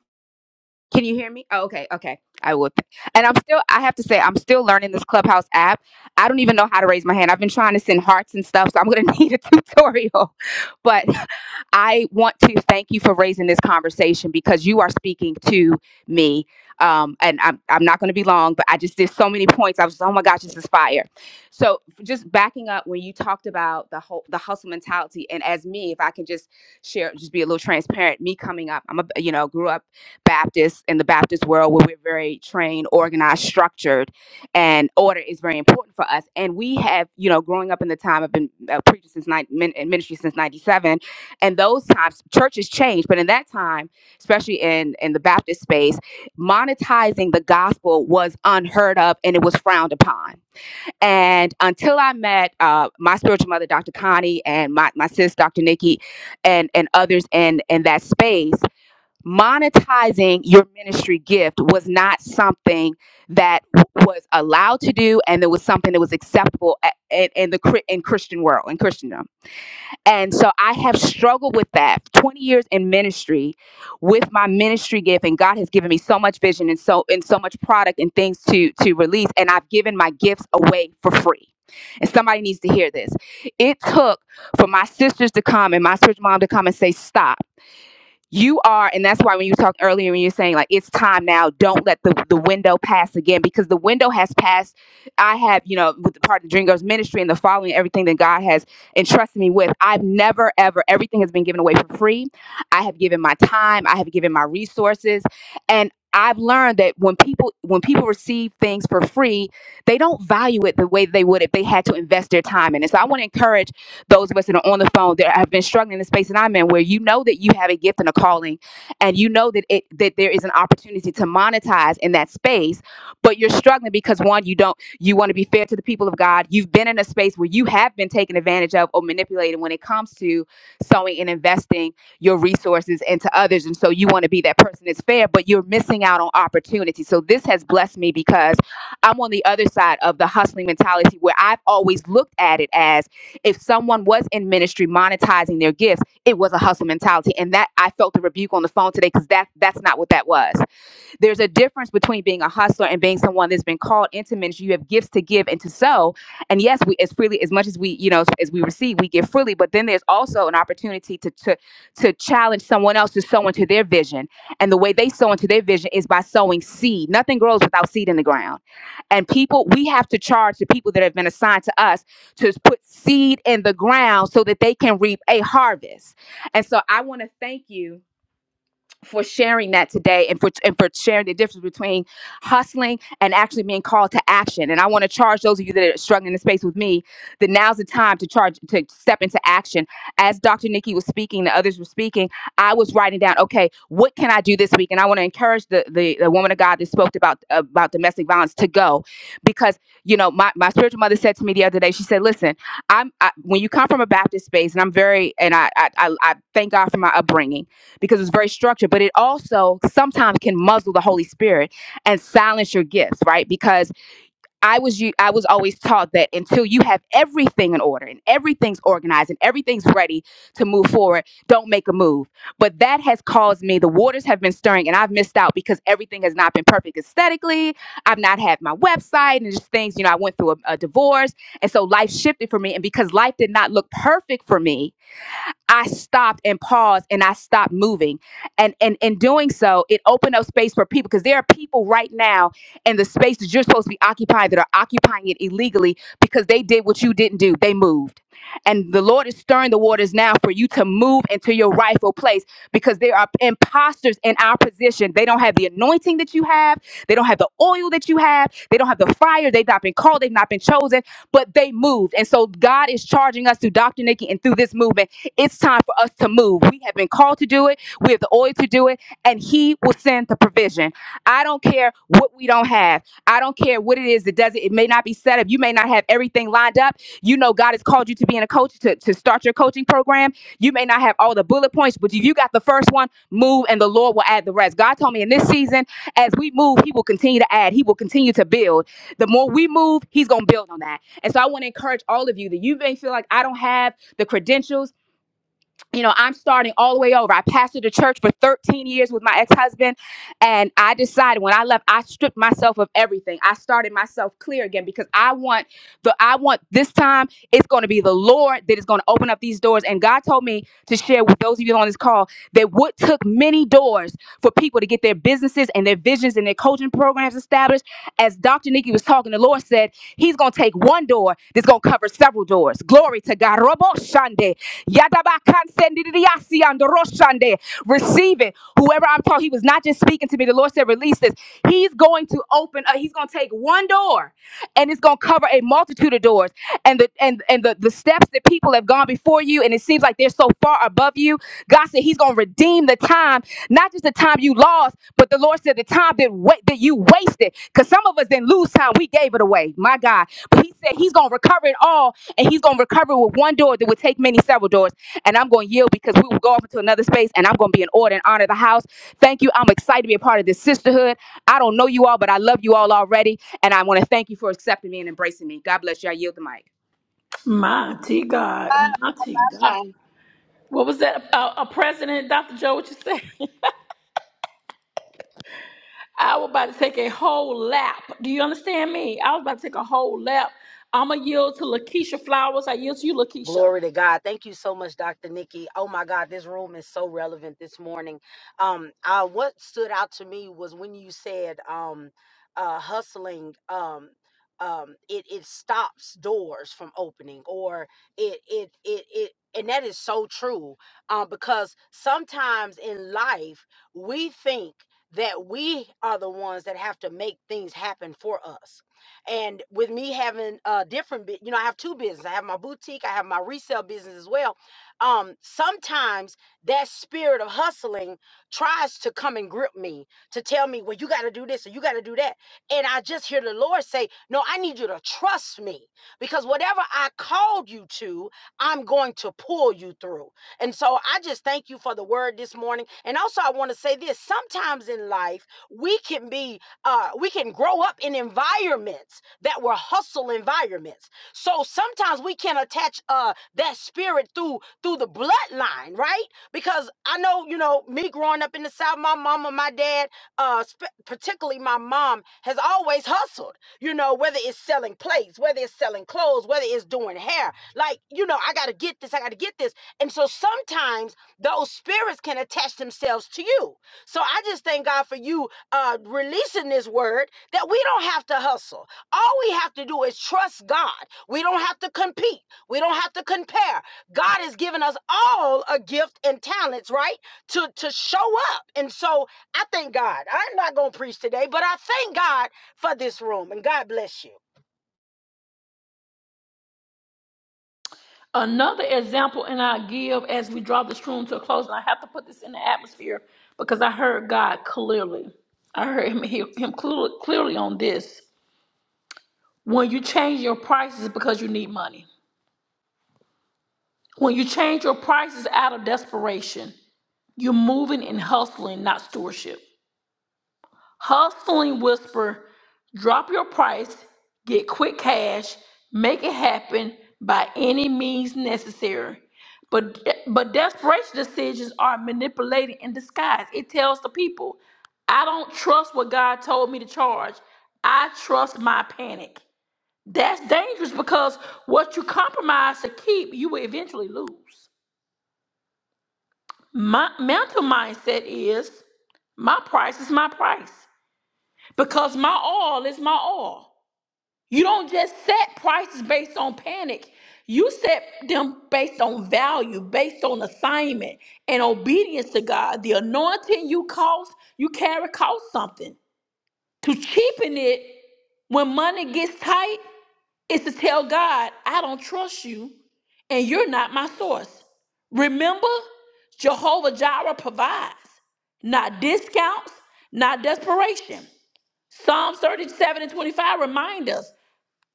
can you hear me? Oh, okay. Okay. I will. And I'm still, I have to say, I'm still learning this Clubhouse app. I don't even know how to raise my hand. I've been trying to send hearts and stuff, so I'm going to need a tutorial. But I want to thank you for raising this conversation because you are speaking to me. Um, and I'm, I'm not going to be long, but I just did so many points. I was, oh my gosh, this is fire. So just backing up when you talked about the whole, the hustle mentality. And as me, if I can just share, just be a little transparent, me coming up, I'm a, you know, grew up Baptist in the Baptist world where we're very trained, organized, structured, and order is very important for us. And we have, you know, growing up in the time, I've been uh, preaching since nine, min- in ministry since 97 and those times churches change but in that time especially in in the baptist space monetizing the gospel was unheard of and it was frowned upon and until i met uh, my spiritual mother dr connie and my, my sis dr nikki and and others in in that space monetizing your ministry gift was not something that w- was allowed to do and it was something that was acceptable a- in, in the Chri- in christian world in christendom and so I have struggled with that 20 years in ministry with my ministry gift and God has given me so much vision and so and so much product and things to to release and I've given my gifts away for free. And somebody needs to hear this. It took for my sisters to come and my church mom to come and say stop you are and that's why when you talked earlier when you're saying like it's time now don't let the, the window pass again because the window has passed i have you know with the part of the dream girls ministry and the following everything that god has entrusted me with i've never ever everything has been given away for free i have given my time i have given my resources and I've learned that when people when people receive things for free, they don't value it the way they would if they had to invest their time in it. So I want to encourage those of us that are on the phone that have been struggling in the space that I'm in, where you know that you have a gift and a calling, and you know that it that there is an opportunity to monetize in that space, but you're struggling because one, you don't you want to be fair to the people of God. You've been in a space where you have been taken advantage of or manipulated when it comes to sowing and investing your resources into others, and so you want to be that person that's fair, but you're missing out on opportunity. So this has blessed me because I'm on the other side of the hustling mentality where I've always looked at it as if someone was in ministry monetizing their gifts, it was a hustle mentality. And that I felt the rebuke on the phone today because that that's not what that was. There's a difference between being a hustler and being someone that's been called into ministry. You have gifts to give and to sow. And yes, we as freely as much as we, you know, as, we receive, we give freely. But then there's also an opportunity to to to challenge someone else to sow into their vision. And the way they sow into their vision is by sowing seed. Nothing grows without seed in the ground. And people, we have to charge the people that have been assigned to us to put seed in the ground so that they can reap a harvest. And so I want to thank you for sharing that today and for and for sharing the difference between hustling and actually being called to action. And I want to charge those of you that are struggling in the space with me that now's the time to charge to step into action. As Dr. Nikki was speaking, the others were speaking, I was writing down, okay, what can I do this week? And I want to encourage the, the the woman of God that spoke about about domestic violence to go because you know my, my spiritual mother said to me the other day, she said, listen, I'm I, when you come from a Baptist space, and I'm very and I I, I I thank God for my upbringing because it's very structured, but it also sometimes can muzzle the Holy Spirit and silence your gifts, right? Because I was you I was always taught that until you have everything in order and everything's organized and everything's ready to move forward, don't make a move. But that has caused me the waters have been stirring and I've missed out because everything has not been perfect aesthetically. I've not had my website and just things, you know, I went through a, a divorce and so life shifted for me and because life did not look perfect for me, I stopped and paused and I stopped moving. And and in doing so, it opened up space for people because there are people right now in the space that you're supposed to be occupying that are occupying it illegally because they did what you didn't do. They moved. And the Lord is stirring the waters now for you to move into your rightful place because there are imposters in our position. They don't have the anointing that you have. They don't have the oil that you have. They don't have the fire. They've not been called. They've not been chosen, but they moved. And so God is charging us through Dr. Nikki and through this movement it's time for us to move. We have been called to do it. We have the oil to do it, and He will send the provision. I don't care what we don't have. I don't care what it is that does it. It may not be set up. You may not have everything lined up. You know, God has called you to be in a coach to, to start your coaching program. You may not have all the bullet points, but if you got the first one, move, and the Lord will add the rest. God told me in this season, as we move, He will continue to add. He will continue to build. The more we move, He's going to build on that. And so I want to encourage all of you that you may feel like I don't have the credentials you know, I'm starting all the way over. I pastored a church for 13 years with my ex-husband, and I decided when I left, I stripped myself of everything. I started myself clear again because I want the I want this time it's going to be the Lord that is going to open up these doors. And God told me to share with those of you on this call that what took many doors for people to get their businesses and their visions and their coaching programs established. As Dr. Nikki was talking, the Lord said He's going to take one door that's going to cover several doors. Glory to God. Yadabakansendidiasi andoroshande. Receive it. Whoever I'm talking, he was not just speaking to me. The Lord said, release this. He's going to open up, he's going to take one door and it's going to cover a multitude of doors. And the and and the, the steps that people have gone before you, and it seems like they're so far above you. God said he's going to redeem the time, not just the time you lost, but the Lord said the time that wa- that you wasted. Because some of us didn't lose time, we gave it away. My God. But he said he's going to recover it all and he's going to recover with one door that would take many several doors. And I'm going to yield because we will go off into another space and I'm going to be in order and honor the house. Thank you. I'm excited to be a part of this sisterhood. I don't know you all, but I love you all already. And I want to thank you for accepting me and embracing me. God bless you. I yield the mic.
Mighty God, mighty God.
Ah,
What was that? A, a president, Dr. Joe? What you say? I was about to take a whole lap. Do you understand me? I was about to take a whole lap. I'm going to yield to Lakeisha Flowers. I yield to you, Lakeisha.
Glory to God. Thank you so much, Dr. Nikki. Oh my God, this room is so relevant this morning. Um, uh, what stood out to me was when you said um uh hustling um um it it stops doors from opening or it it it it and that is so true um, because sometimes in life we think that we are the ones that have to make things happen for us and with me having a different, bu- you know, I have two businesses. I have my boutique, I have my resale business as well. Um, sometimes that spirit of hustling tries to come and grip me to tell me, well, you got to do this or you got to do that. And I just hear the Lord say, no, I need you to trust me because whatever I called you to, I'm going to pull you through. And so I just thank you for the word this morning. And also, I want to say this sometimes in life, we can be uh, we can grow up in environments that were hustle environments. So sometimes we can attach uh, that spirit through through the bloodline, right? Because I know, you know, me growing up in the South, my mama, my dad, uh, sp- particularly my mom, has always hustled. You know, whether it's selling plates, whether it's selling clothes, whether it's doing hair, like you know, I gotta get this, I gotta get this. And so sometimes those spirits can attach themselves to you. So I just thank God for you uh, releasing this word that we don't have to hustle. All we have to do is trust God. We don't have to compete. We don't have to compare. God has given us all a gift and talents, right? To to show up. And so I thank God. I'm not gonna preach today, but I thank God for this room. And God bless you.
Another example, and I'll give as we draw this room to a close, and I have to put this in the atmosphere because I heard God clearly. I heard him, he- him clearly, clearly on this. When you change your prices because you need money, when you change your prices out of desperation, you're moving and hustling, not stewardship. Hustling Whisper, drop your price, get quick cash, make it happen by any means necessary. But but desperation decisions are manipulated in disguise. It tells the people, I don't trust what God told me to charge. I trust my panic. That's dangerous because what you compromise to keep, you will eventually lose. My mental mindset is my price is my price because my all is my all. You don't just set prices based on panic. You set them based on value, based on assignment and obedience to God. The anointing you cost, you carry cost something. To cheapen it when money gets tight is to tell God, I don't trust you and you're not my source. Remember, Jehovah Jireh provides, not discounts, not desperation. Psalms 37 and 25 remind us,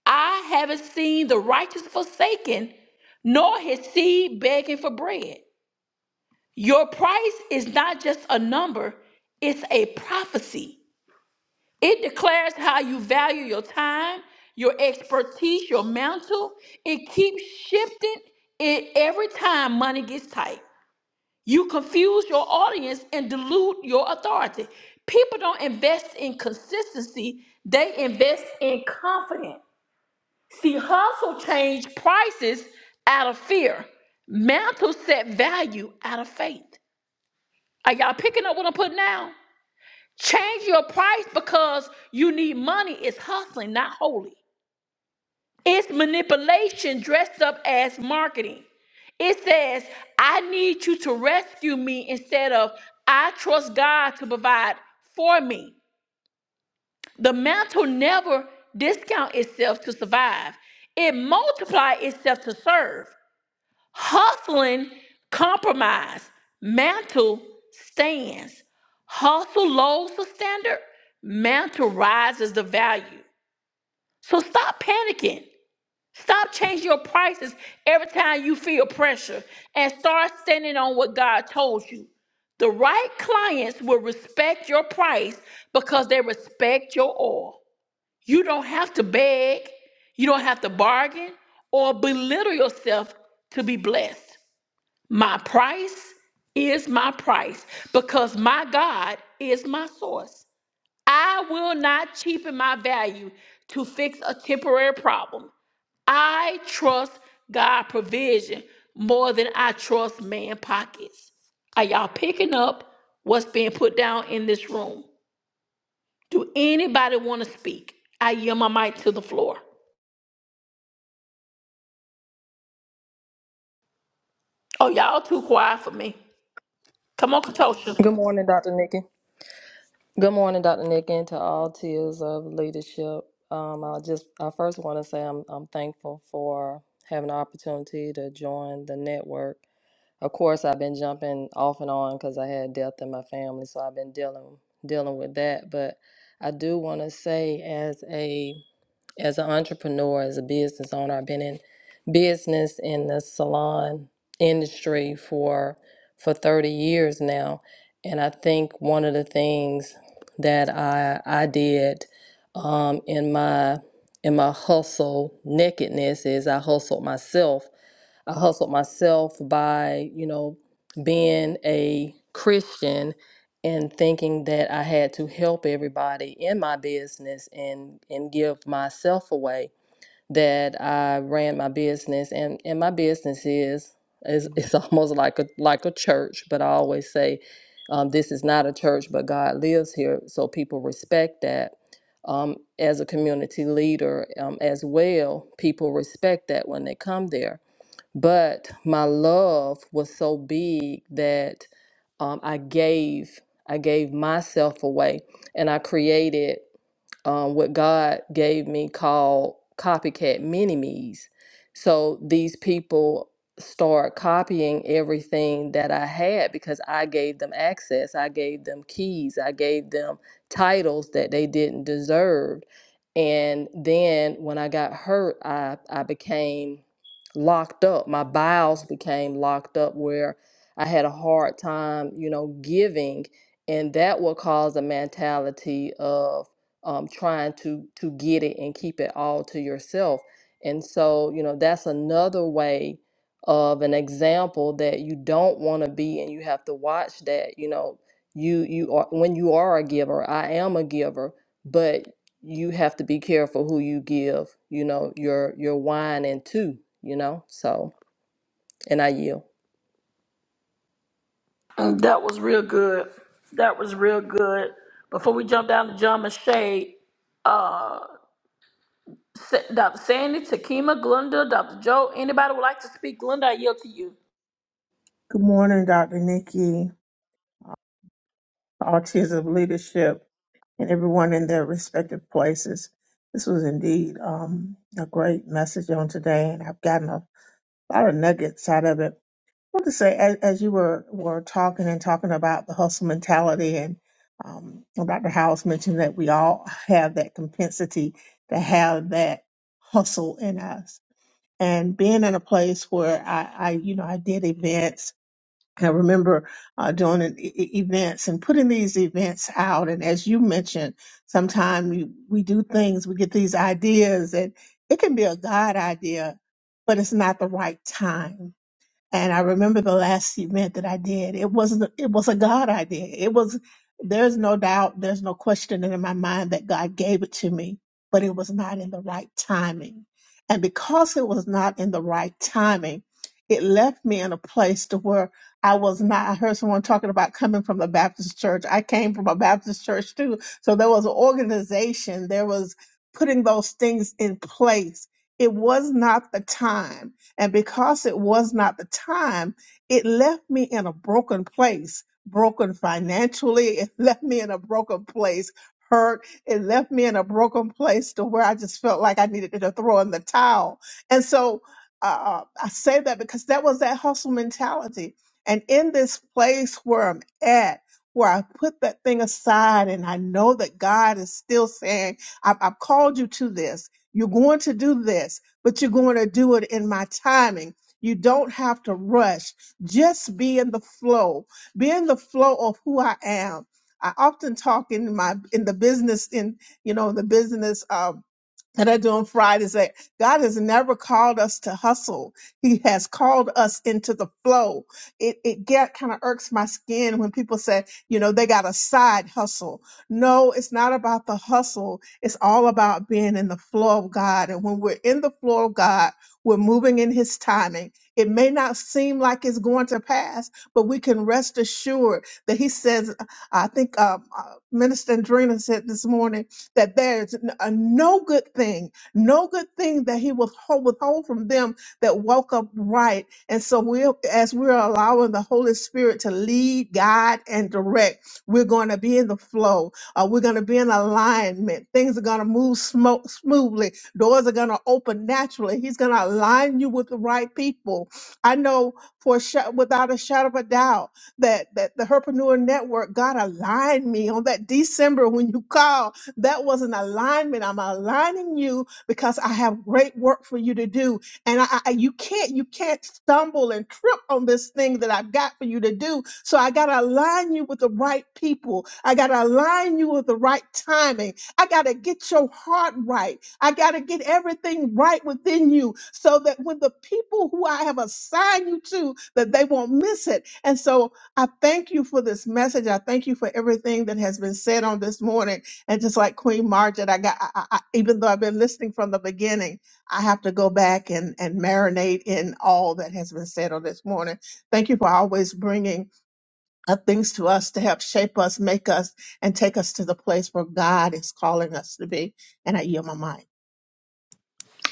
I haven't seen the righteous forsaken, nor his seed begging for bread. Your price is not just a number, it's a prophecy. It declares how you value your time, your expertise, your mantle. It keeps shifting it every time money gets tight. You confuse your audience and dilute your authority. People don't invest in consistency, they invest in confidence. See, hustle changed prices out of fear. Mantle set value out of faith. Are y'all picking up what I'm putting down? Change your price because you need money is hustling, not holy. It's manipulation dressed up as marketing. It says, I need you to rescue me instead of I trust God to provide for me. The mantle never discount itself to survive. It multiply itself to serve. Hustling compromise. Mantle stands. Hustle lowers the standard. Mantle rises the value. So stop panicking. Stop changing your prices every time you feel pressure and start standing on what God told you. The right clients will respect your price because they respect your oil. You don't have to beg, you don't have to bargain or belittle yourself to be blessed. My price is my price because my God is my source. I will not cheapen my value to fix a temporary problem. I trust God provision more than I trust man pockets. Are y'all picking up what's being put down in this room? Do anybody want to speak? I yield my mic to the floor. Oh, y'all too quiet for me. Come on, Katosha.
Good morning, Dr. Nikki. Good morning, Dr. Nikki, and to all tiers of leadership. Um, I just, I first want to say I'm, I'm thankful for having the opportunity to join the network. Of course, I've been jumping off and on because I had death in my family, so I've been dealing, dealing with that. But I do want to say, as a as an entrepreneur, as a business owner, I've been in business in the salon industry for for 30 years now. And I think one of the things that I I did um, in my in my hustle nakedness is I hustled myself I hustled myself by, you know, being a Christian and thinking that I had to help everybody in my business and and give myself away. That I ran my business and and my business is is it's almost like a like a church, but I always say um, this is not a church, but God lives here, so people respect that. Um, as a community leader, um, as well, people respect that when they come there but my love was so big that um, I gave I gave myself away, and I created um, what God gave me called copycat mini me's. So these people start copying everything that I had because I gave them access, I gave them keys, I gave them titles that they didn't deserve. And then when I got hurt, I I became locked up. My bowels became locked up where I had a hard time, you know, giving, and that will cause a mentality of um, trying to to get it and keep it all to yourself. And so, you know, that's another way of an example that you don't want to be, and you have to watch that. You know, you you are when you are a giver. I am a giver, but you have to be careful who you give, you know, your your wine into, you know. So, and I yield.
Mm, That was real good. That was real good. Before we jump down to John Shade, uh, Sa- Dr. Sandy, Takima, Glenda, Dr. Joe, anybody would like to speak? Glenda, I yield to you.
Good morning, Dr. Nikki, all tiers of leadership, and everyone in their respective places. This was indeed um, a great message on today, and I've gotten a lot of nuggets out of it. I want to say, as, as you were, were talking and talking about the hustle mentality, and um, Dr. Howells mentioned that we all have that compensity to have that hustle in us. And being in a place where I, I you know, I did events I remember uh, doing an e- e- events and putting these events out. And as you mentioned, sometimes we, we do things, we get these ideas, and it can be a God idea, but it's not the right time. And I remember the last event that I did. It wasn't. It was a God idea. It was. There's no doubt. There's no question in my mind that God gave it to me, but it was not in the right timing. And because it was not in the right timing, it left me in a place to where I was not. I heard someone talking about coming from the Baptist church. I came from a Baptist church too. So there was an organization. There was putting those things in place. It was not the time and because it was not the time, it left me in a broken place, broken financially. It left me in a broken place, hurt. It left me in a broken place to where I just felt like I needed to throw in the towel. And so uh, uh, I say that because that was that hustle mentality. And in this place where I'm at, where I put that thing aside and I know that God is still saying, I've, I've called you to this. You're going to do this but you're going to do it in my timing. You don't have to rush. Just be in the flow. Be in the flow of who I am. I often talk in my in the business in you know the business um, that I do on Fridays that God has never called us to hustle. He has called us into the flow. It it get kind of irks my skin when people say, you know, they got a side hustle. No, it's not about the hustle. It's all about being in the flow of God. And when we're in the flow of God, we're moving in his timing. It may not seem like it's going to pass, but we can rest assured that he says, I think uh, uh, Minister Andrina said this morning, that there is n- a no good thing, no good thing that he will withhold withhold from them that woke up right. And so we, as we're allowing the Holy Spirit to lead, guide, and direct, we're going to be in the flow. Uh, we're going to be in alignment. Things are going to move smo- smoothly. Doors are going to open naturally. He's going to align you with the right people. I know for a sha- without a shadow of a doubt that that the Herpreneur Network, God aligned me on that December when you called. That was an alignment. I'm aligning you because I have great work for you to do. And I, I you can't, you can't stumble and trip on this thing that I've got for you to do. So I gotta align you with the right people. I gotta align you with the right timing. I gotta get your heart right. I gotta get everything right within you so that when the people who I have assigned you to, that they won't miss it. And so I thank you for this message. I thank you for everything that has been said on this morning. And just like Queen Margaret, I got, I, I, I- even though I've been listening from the beginning, I have to go back and, and marinate in all that has been said on this morning. Thank you for always bringing uh, things to us to help shape us, make us, and take us to the place where God is calling us to be. And I yield my mind.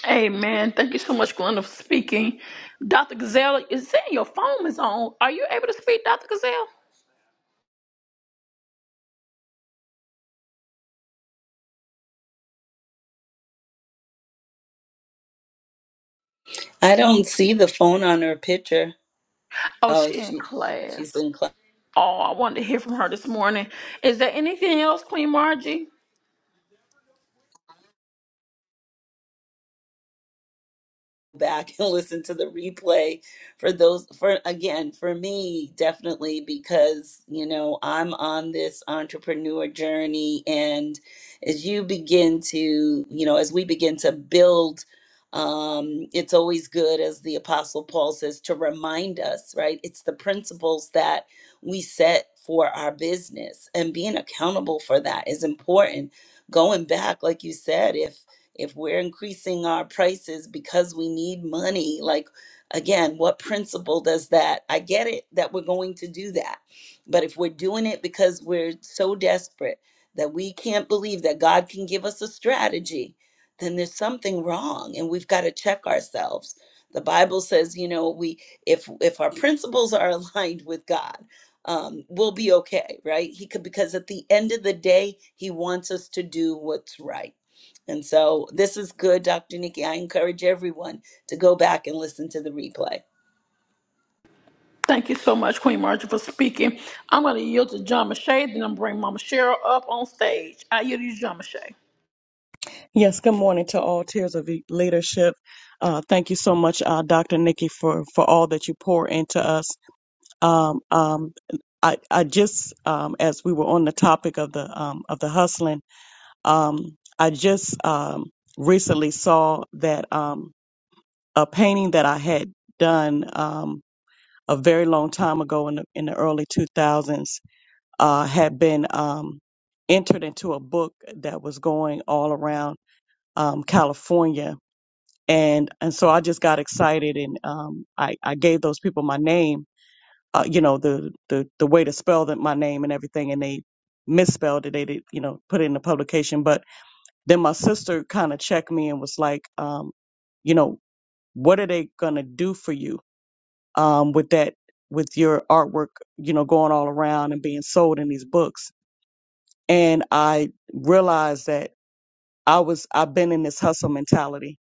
Amen. Thank you so much, Glenda, for speaking. Dr. Gazelle, is saying your phone is on. Are you able to speak, Dr. Gazelle?
I don't see the phone on her picture.
Oh,
Oh,
she in
she
class.
she's in class.
Oh, I wanted to hear from her this morning. Is there anything else, Queen Margie?
back and listen to the replay for those for again for me definitely because you know I'm on this entrepreneur journey and as you begin to you know as we begin to build um it's always good as the apostle Paul says to remind us right it's the principles that we set for our business and being accountable for that is important going back like you said if if we're increasing our prices because we need money, like again, what principle does that? I get it that we're going to do that. But if we're doing it because we're so desperate that we can't believe that God can give us a strategy, then there's something wrong and we've got to check ourselves. The Bible says, you know, we if if our principles are aligned with God, um, we'll be okay, right? He could because at the end of the day, he wants us to do what's right and so this is good, Dr. Nikki. I encourage everyone to go back and listen to the replay.
Thank you so much, Queen Margie, for speaking. I'm going to yield to John Mache, then I'm going to bring Mama Cheryl up on stage. I yield to you, John Mache.
Yes, good morning to all tiers of e- leadership. Uh, thank you so much, uh, Dr. Nikki, for, for all that you pour into us. Um, um, I, I just, um, as we were on the topic of the, um, of the hustling, um, I just, um, recently saw that, um, a painting that I had done, um, a very long time ago in the, in the early 2000s, uh, had been, um, entered into a book that was going all around, um, California and and so I just got excited and um, I I gave those people my name, uh, you know the the the way to spell that my name and everything, and they misspelled it. They did you know put it in the publication, but then my sister kind of checked me and was like, um, you know, what are they gonna do for you um, with that with your artwork, you know, going all around and being sold in these books? And I realized that I was I've been in this hustle mentality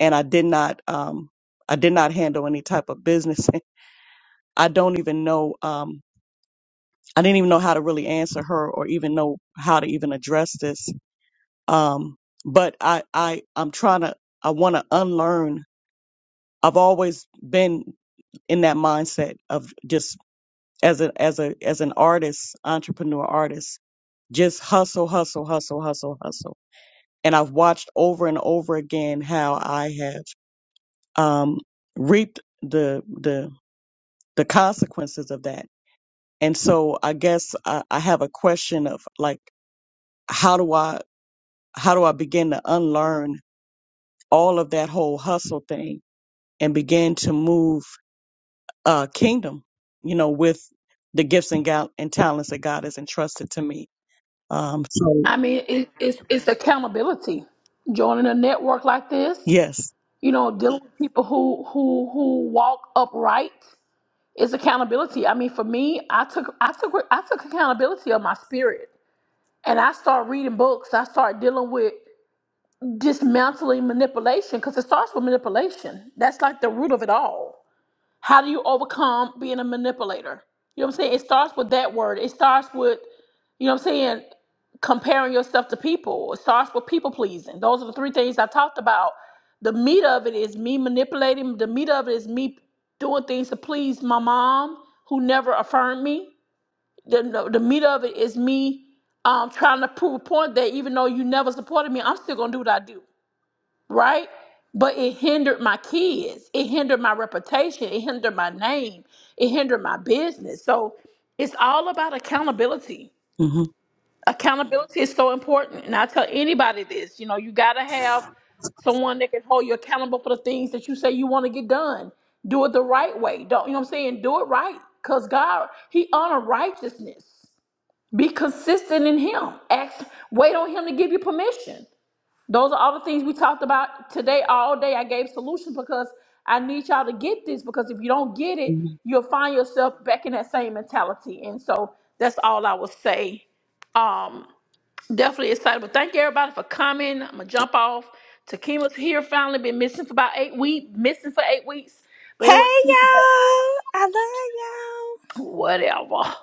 and I did not um I did not handle any type of business. I don't even know um I didn't even know how to really answer her or even know how to even address this. Um but I I I'm trying to I want to unlearn. I've always been in that mindset of just as a as a as an artist, entrepreneur artist, just hustle, hustle, hustle, hustle, hustle. And I've watched over and over again how I have um reaped the the the consequences of that. And so I guess I, I have a question of like, how do I, how do I begin to unlearn all of that whole hustle thing and begin to move uh, kingdom, you know, with the gifts and, gal- and talents that God has entrusted to me. Um, so
I mean, it, it's it's accountability. Joining a network like this,
yes.
you know, dealing with people who who who walk upright. It's accountability. I mean, for me, I took I took I took accountability of my spirit, and I start reading books. I start dealing with dismantling manipulation because it starts with manipulation. That's like the root of it all. How do you overcome being a manipulator? You know what I'm saying? It starts with that word. It starts with you know what I'm saying? Comparing yourself to people. It starts with people pleasing. Those are the three things I talked about. The meat of it is me manipulating. The meat of it is me doing things to please my mom, who never affirmed me. The, no, the meat of it is me um, trying to prove a point that even though you never supported me, I'm still going to do what I do, right? But it hindered my kids. It hindered my reputation. It hindered my name. It hindered my business. So it's all about accountability
hmm
accountability is so important and i tell anybody this you know you got to have someone that can hold you accountable for the things that you say you want to get done do it the right way don't you know what i'm saying do it right because god he honor righteousness be consistent in him ask wait on him to give you permission those are all the things we talked about today all day i gave solutions because i need y'all to get this because if you don't get it you'll find yourself back in that same mentality and so that's all i would say Um, Definitely excited. But thank everybody for coming. I'm gonna jump off. Takima's here finally. Been missing for about eight weeks. Missing for eight weeks. But
Hey,
anyway, she's back.
y'all. I love y'all.
whatever.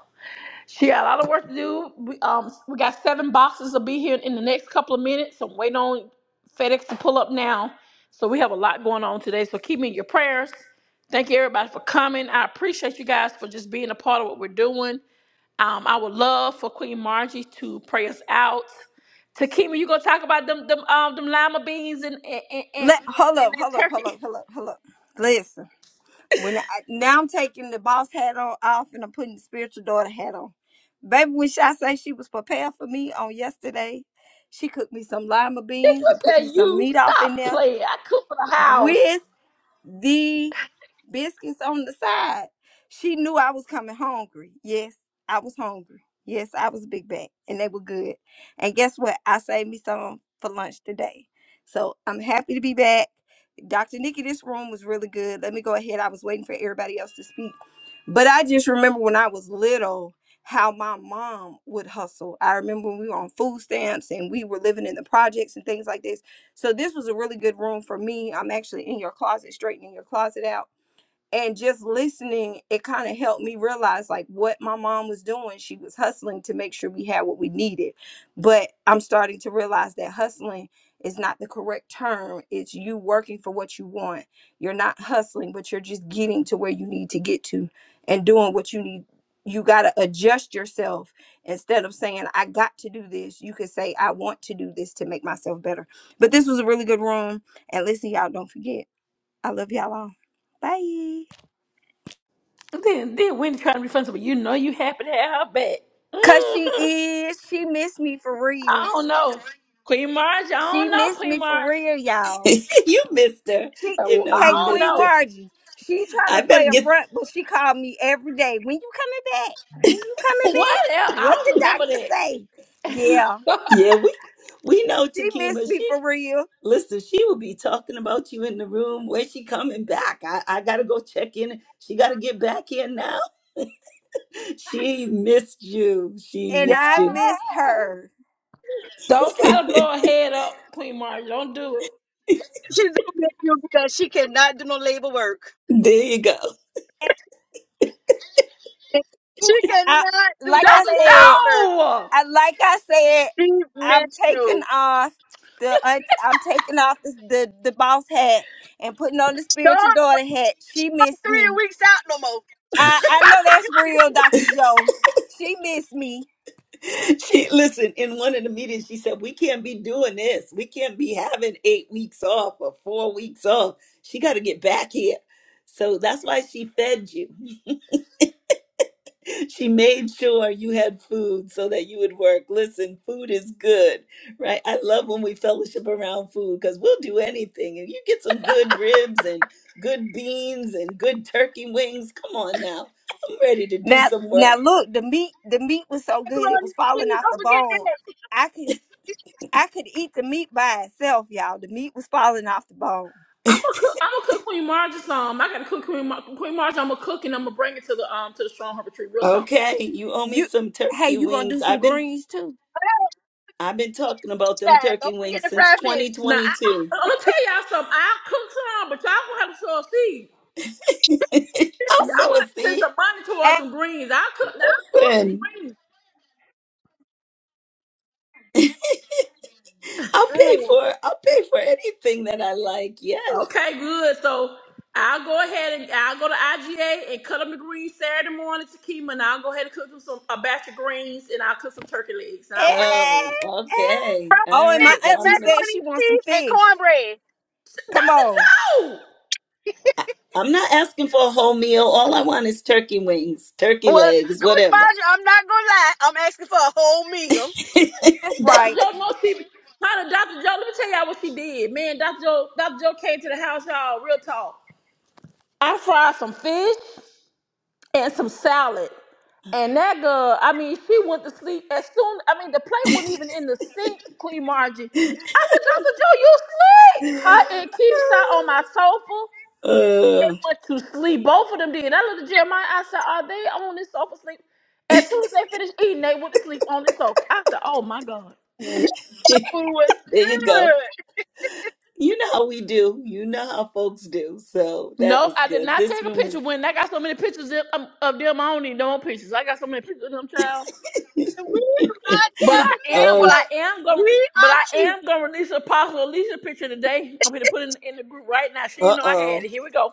She got a lot of work to do. We, um, we got seven boxes will be here in the next couple of minutes. I'm waiting on FedEx to pull up now. So we have a lot going on today. So keep me in your prayers. Thank you everybody for coming. I appreciate you guys for just being a part of what we're doing. Um, I would love for Queen Margie to pray us out. Takima, you gonna talk about them them um them lima beans and and, and, and,
Let, hold
and
up,
that
hold up,
turkey?
hold up, hold up, hold up. Listen, when I, now I'm taking the boss hat on off and I'm putting the spiritual daughter hat on. Baby, when I say she was prepared for me on yesterday, she cooked me some lima
Did
beans
you
and put
say
me some
you
meat off
stop
in there
playing? I cook for the house.
with the biscuits on the side. She knew I was coming hungry. Yes, I was hungry. Yes, I was a big bag, and they were good. And guess what? I saved me some for lunch today. So I'm happy to be back. Dr. Nikki, this room was really good. Let me go ahead. I was waiting for everybody else to speak. But I just remember when I was little how my mom would hustle. I remember when we were on food stamps and we were living in the projects and things like this so this was a really good room for me. I'm actually in your closet, straightening your closet out and just listening it kind of helped me realize like what my mom was doing she was hustling to make sure we had what we needed but i'm starting to realize that hustling is not the correct term it's you working for what you want you're not hustling but you're just getting to where you need to get to and doing what you need you got to adjust yourself instead of saying i got to do this you could say i want to do this to make myself better but this was a really good room and listen y'all don't forget i love y'all all bye
Then then Wendy trying to be funny, but you know you happy to have her back.
Cause she
hmm
is. She missed me for
I
real.
don't know, Queen Margie. I
She
don't know,
missed
Queen
me for
Margie.
real, y'all.
you missed her.
She
You
Oh,
know
I
hey
you
don't
Queen
missed
know.
her.
Margie. She trying
I
to play
better
a
get
front, but she called me every day. When you coming back? When you coming
What
back?
else? I
What the
don't remember
doctor
that.
say? Yeah.
yeah, we we know
She
Takima.
missed me
She
for real.
listen, she will be talking about you in the room. When she coming back? I, I gotta go check in. She gotta get back in now. She missed you. She
And
missed
I
you.
missed her.
don't try to
there
blow her head up, Queen Margie. Don't do it.
She's doing this too because she cannot do no labor work.
you go.
And
She
you- I,
cannot do
like
no
I
Dr.
labor
said.
work.
Joe!
I like I said,
She
I'm
missed
taking
you.
off the un- I'm taking off the, the the boss hat and putting on the spiritual
Dog,
daughter hat. She missed
three
me.
weeks out no more.
I I know that's real, Doctor Joe. She missed me.
she listen in one of the meetings she said we can't be doing this we can't be having eight weeks off or four weeks off she got to get back here so that's why she fed you she made sure you had food so that you would work listen food is good right i love when we fellowship around food because we'll do anything if you get some good ribs and good beans and good turkey wings come on now i'm ready to do
Now
some
now
work
look, the meat the meat was so good it
Honey,
was falling
Please
off the
don't forget
bone. I could I could eat the meat by itself, y'all. The meat was falling off the bone.
I'm gonna cook. I'm gonna cook Queen Marge's um. I gotta cook Queen Mar- Queen Marge. I'm gonna cook and I'm gonna bring it to the um to the Strong Harbor Tree. Real talk.
Okay, you owe me
You
some
hey,
turkey
you gonna do
wings.
some
I've been
greens too?
I've been talking about them
that.
turkey
Don't forget
wings
the
since
fried fish.
Now I,
2022.
I'm gonna tell y'all something. I'll cook some, but y'all gonna have to sow a seed.
I'll
Y'all
sow
gonna
a
have to send
seed.
some money towards some greens. I'll cook. I'll cook some
Listen,
greens.
I'll pay
Mm.
for I'll pay for anything that I like. Yes.
Okay, good. So I'll go ahead and I'll go to IGA and cut them the greens Saturday morning to Kima, and I'll go ahead and cook them some a batch of greens, and I'll cook some turkey legs, and I'll bring it.
Eh,
Oh,
eh.
okay.
Oh,
All
and my
right.
fish
Well,
and
I'm
auntie
gonna.
said
macaroni
she wants some
cheese and
fish.
cornbread.
Come on.
Doctor Joe.
I- I'm not asking for a whole meal. All I want is turkey wings, turkey
Well,
legs,
Coach
whatever.
Maja, I'm not gonna lie, I'm asking for a whole meal.
That's
Dr.
right.
Joe, no, she. How Dr. Joe? Let me tell y'all what she did. Man, Dr. Joe, Dr. Joe came to the house, y'all. Real talk. I fried some fish and some salad, and that girl. I mean, she went to sleep as soon. I mean, the plate wasn't even in the sink, Queen Margie. I said, Dr. Joe, you sleep. Her and Keith sat on my sofa, and
Uh,
they went to sleep. Both of them did. I looked at Jeremiah. I said, Are they on this sofa sleep? As soon as they finished eating, they went to sleep on the sofa. I said, Oh my God.
Your
there
Food was
you go.
good.
You know how we do. You know how folks do. So that
Nope,
was
I did
good.
not
This
take a
room is.
picture when I got so many pictures of, um, of them. I don't need no more pictures. I got so many pictures of them, child.
And we do not
But
care because
I
guess
am,
oh.
but I
what?
am going,
We
but
are
I
cute.
am going to release a possible Alicia picture today. I'm going to put it in, in the group right now. She
Uh
know I had
oh,
it. Here we go.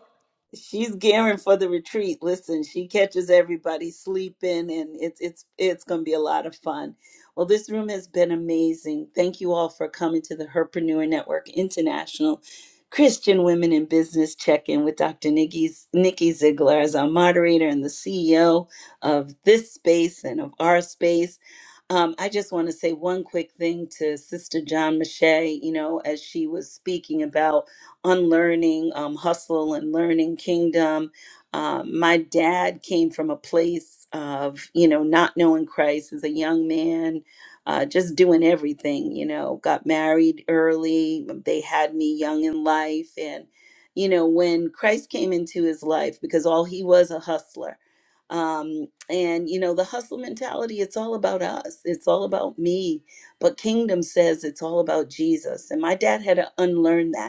she's gearing for the retreat. Listen, she catches everybody sleeping, and it's it's it's going to be a lot of fun. Well, this room has been amazing. Thank you all for coming to the Herpreneur Network International Christian Women in Business Check-in with Dr. Nikki Nikki Ziegler as our moderator and the CEO of this space and of our space. Um, I just want to say one quick thing to Sister John Mache. You know, as she was speaking about unlearning um, hustle and learning kingdom. Um, my dad came from a place of, you know, not knowing Christ as a young man, uh, just doing everything, you know, got married early. They had me young in life. And, you know, when Christ came into his life, because all he was a hustler. Um, and, you know, the hustle mentality, it's all about us, it's all about me. But kingdom says it's all about Jesus. And my dad had to unlearn that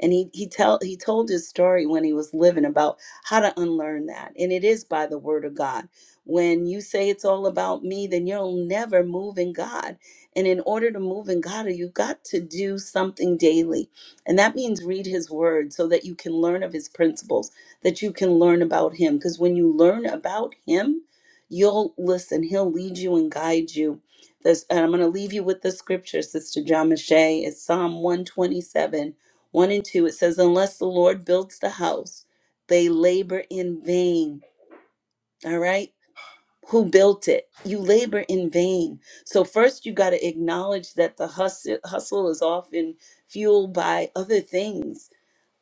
and he he tell he told his story when he was living about how to unlearn that and it is by the word of god when you say it's all about me then you'll never move in god and in order to move in god you've got to do something daily and that means read his word so that you can learn of his principles that you can learn about him because when you learn about him you'll listen he'll lead you and guide you this and i'm going to leave you with the scripture sister john Mache. it's psalm 127 1 and 2, it says, Unless the Lord builds the house, they labor in vain. All right? Who built it? You labor in vain. So, first, you got to acknowledge that the hustle, hustle is often fueled by other things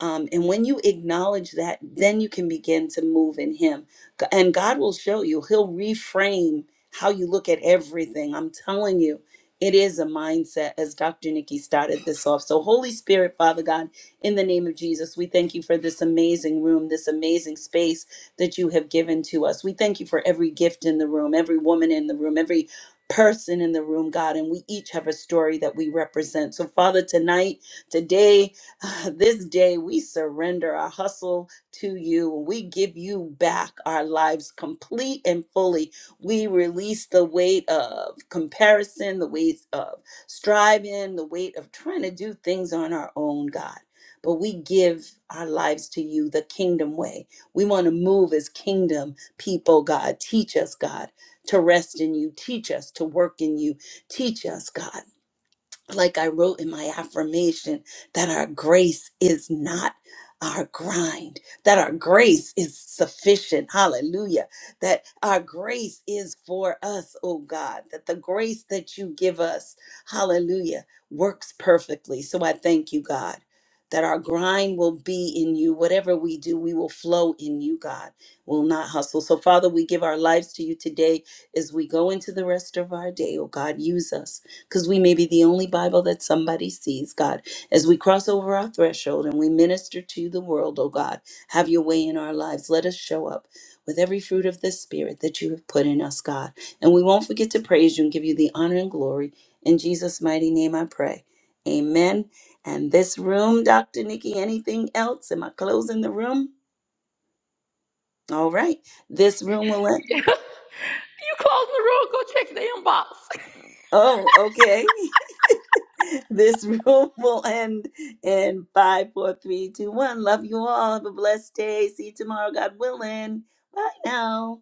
um, and when you acknowledge that, then you can begin to move in Him. G- And God will show you, He'll reframe how you look at everything. I'm telling you, it is a mindset, as Dr. Nikki started this off. So, Holy Spirit, Father God, in the name of Jesus, we thank you for this amazing room, this amazing space that you have given to us. We thank you for every gift in the room, every woman in the room, every person in the room, God. And we each have a story that we represent. So, Father, tonight, today, Uh, this day we surrender our hustle to you we give you back our lives complete and fully. We release the weight of comparison, the weight of striving, the weight of trying to do things on our own, God. But we give our lives to you the kingdom way. We want to move as kingdom people, God. Teach us, God, to rest in you. Teach us to work in you. Teach us, God like I wrote in my affirmation, that our grace is not our grind, that our grace is sufficient. Hallelujah. That our grace is for us, oh God, that the grace that you give us, hallelujah, works perfectly. So I thank you, God. That our grind will be in you. Whatever we do, we will flow in you, God. We'll not hustle. So, Father, we give our lives to you today as we go into the rest of our day. Oh, God, use us because we may be the only Bible that somebody sees, God. As we cross over our threshold and we minister to the world, oh God, have your way in our lives. Let us show up with every fruit of the Spirit that you have put in us, God. And we won't forget to praise you and give you the honor and glory. In Jesus' mighty name I pray. Amen. And this room, Dr. Nikki, anything else? Am I closing the room? All right. This room will end.
you close the room. Go check the inbox.
Oh, okay. This room will end in five, four, three, two, one. Love you all. Have a blessed day. See you tomorrow, God willing. Bye now.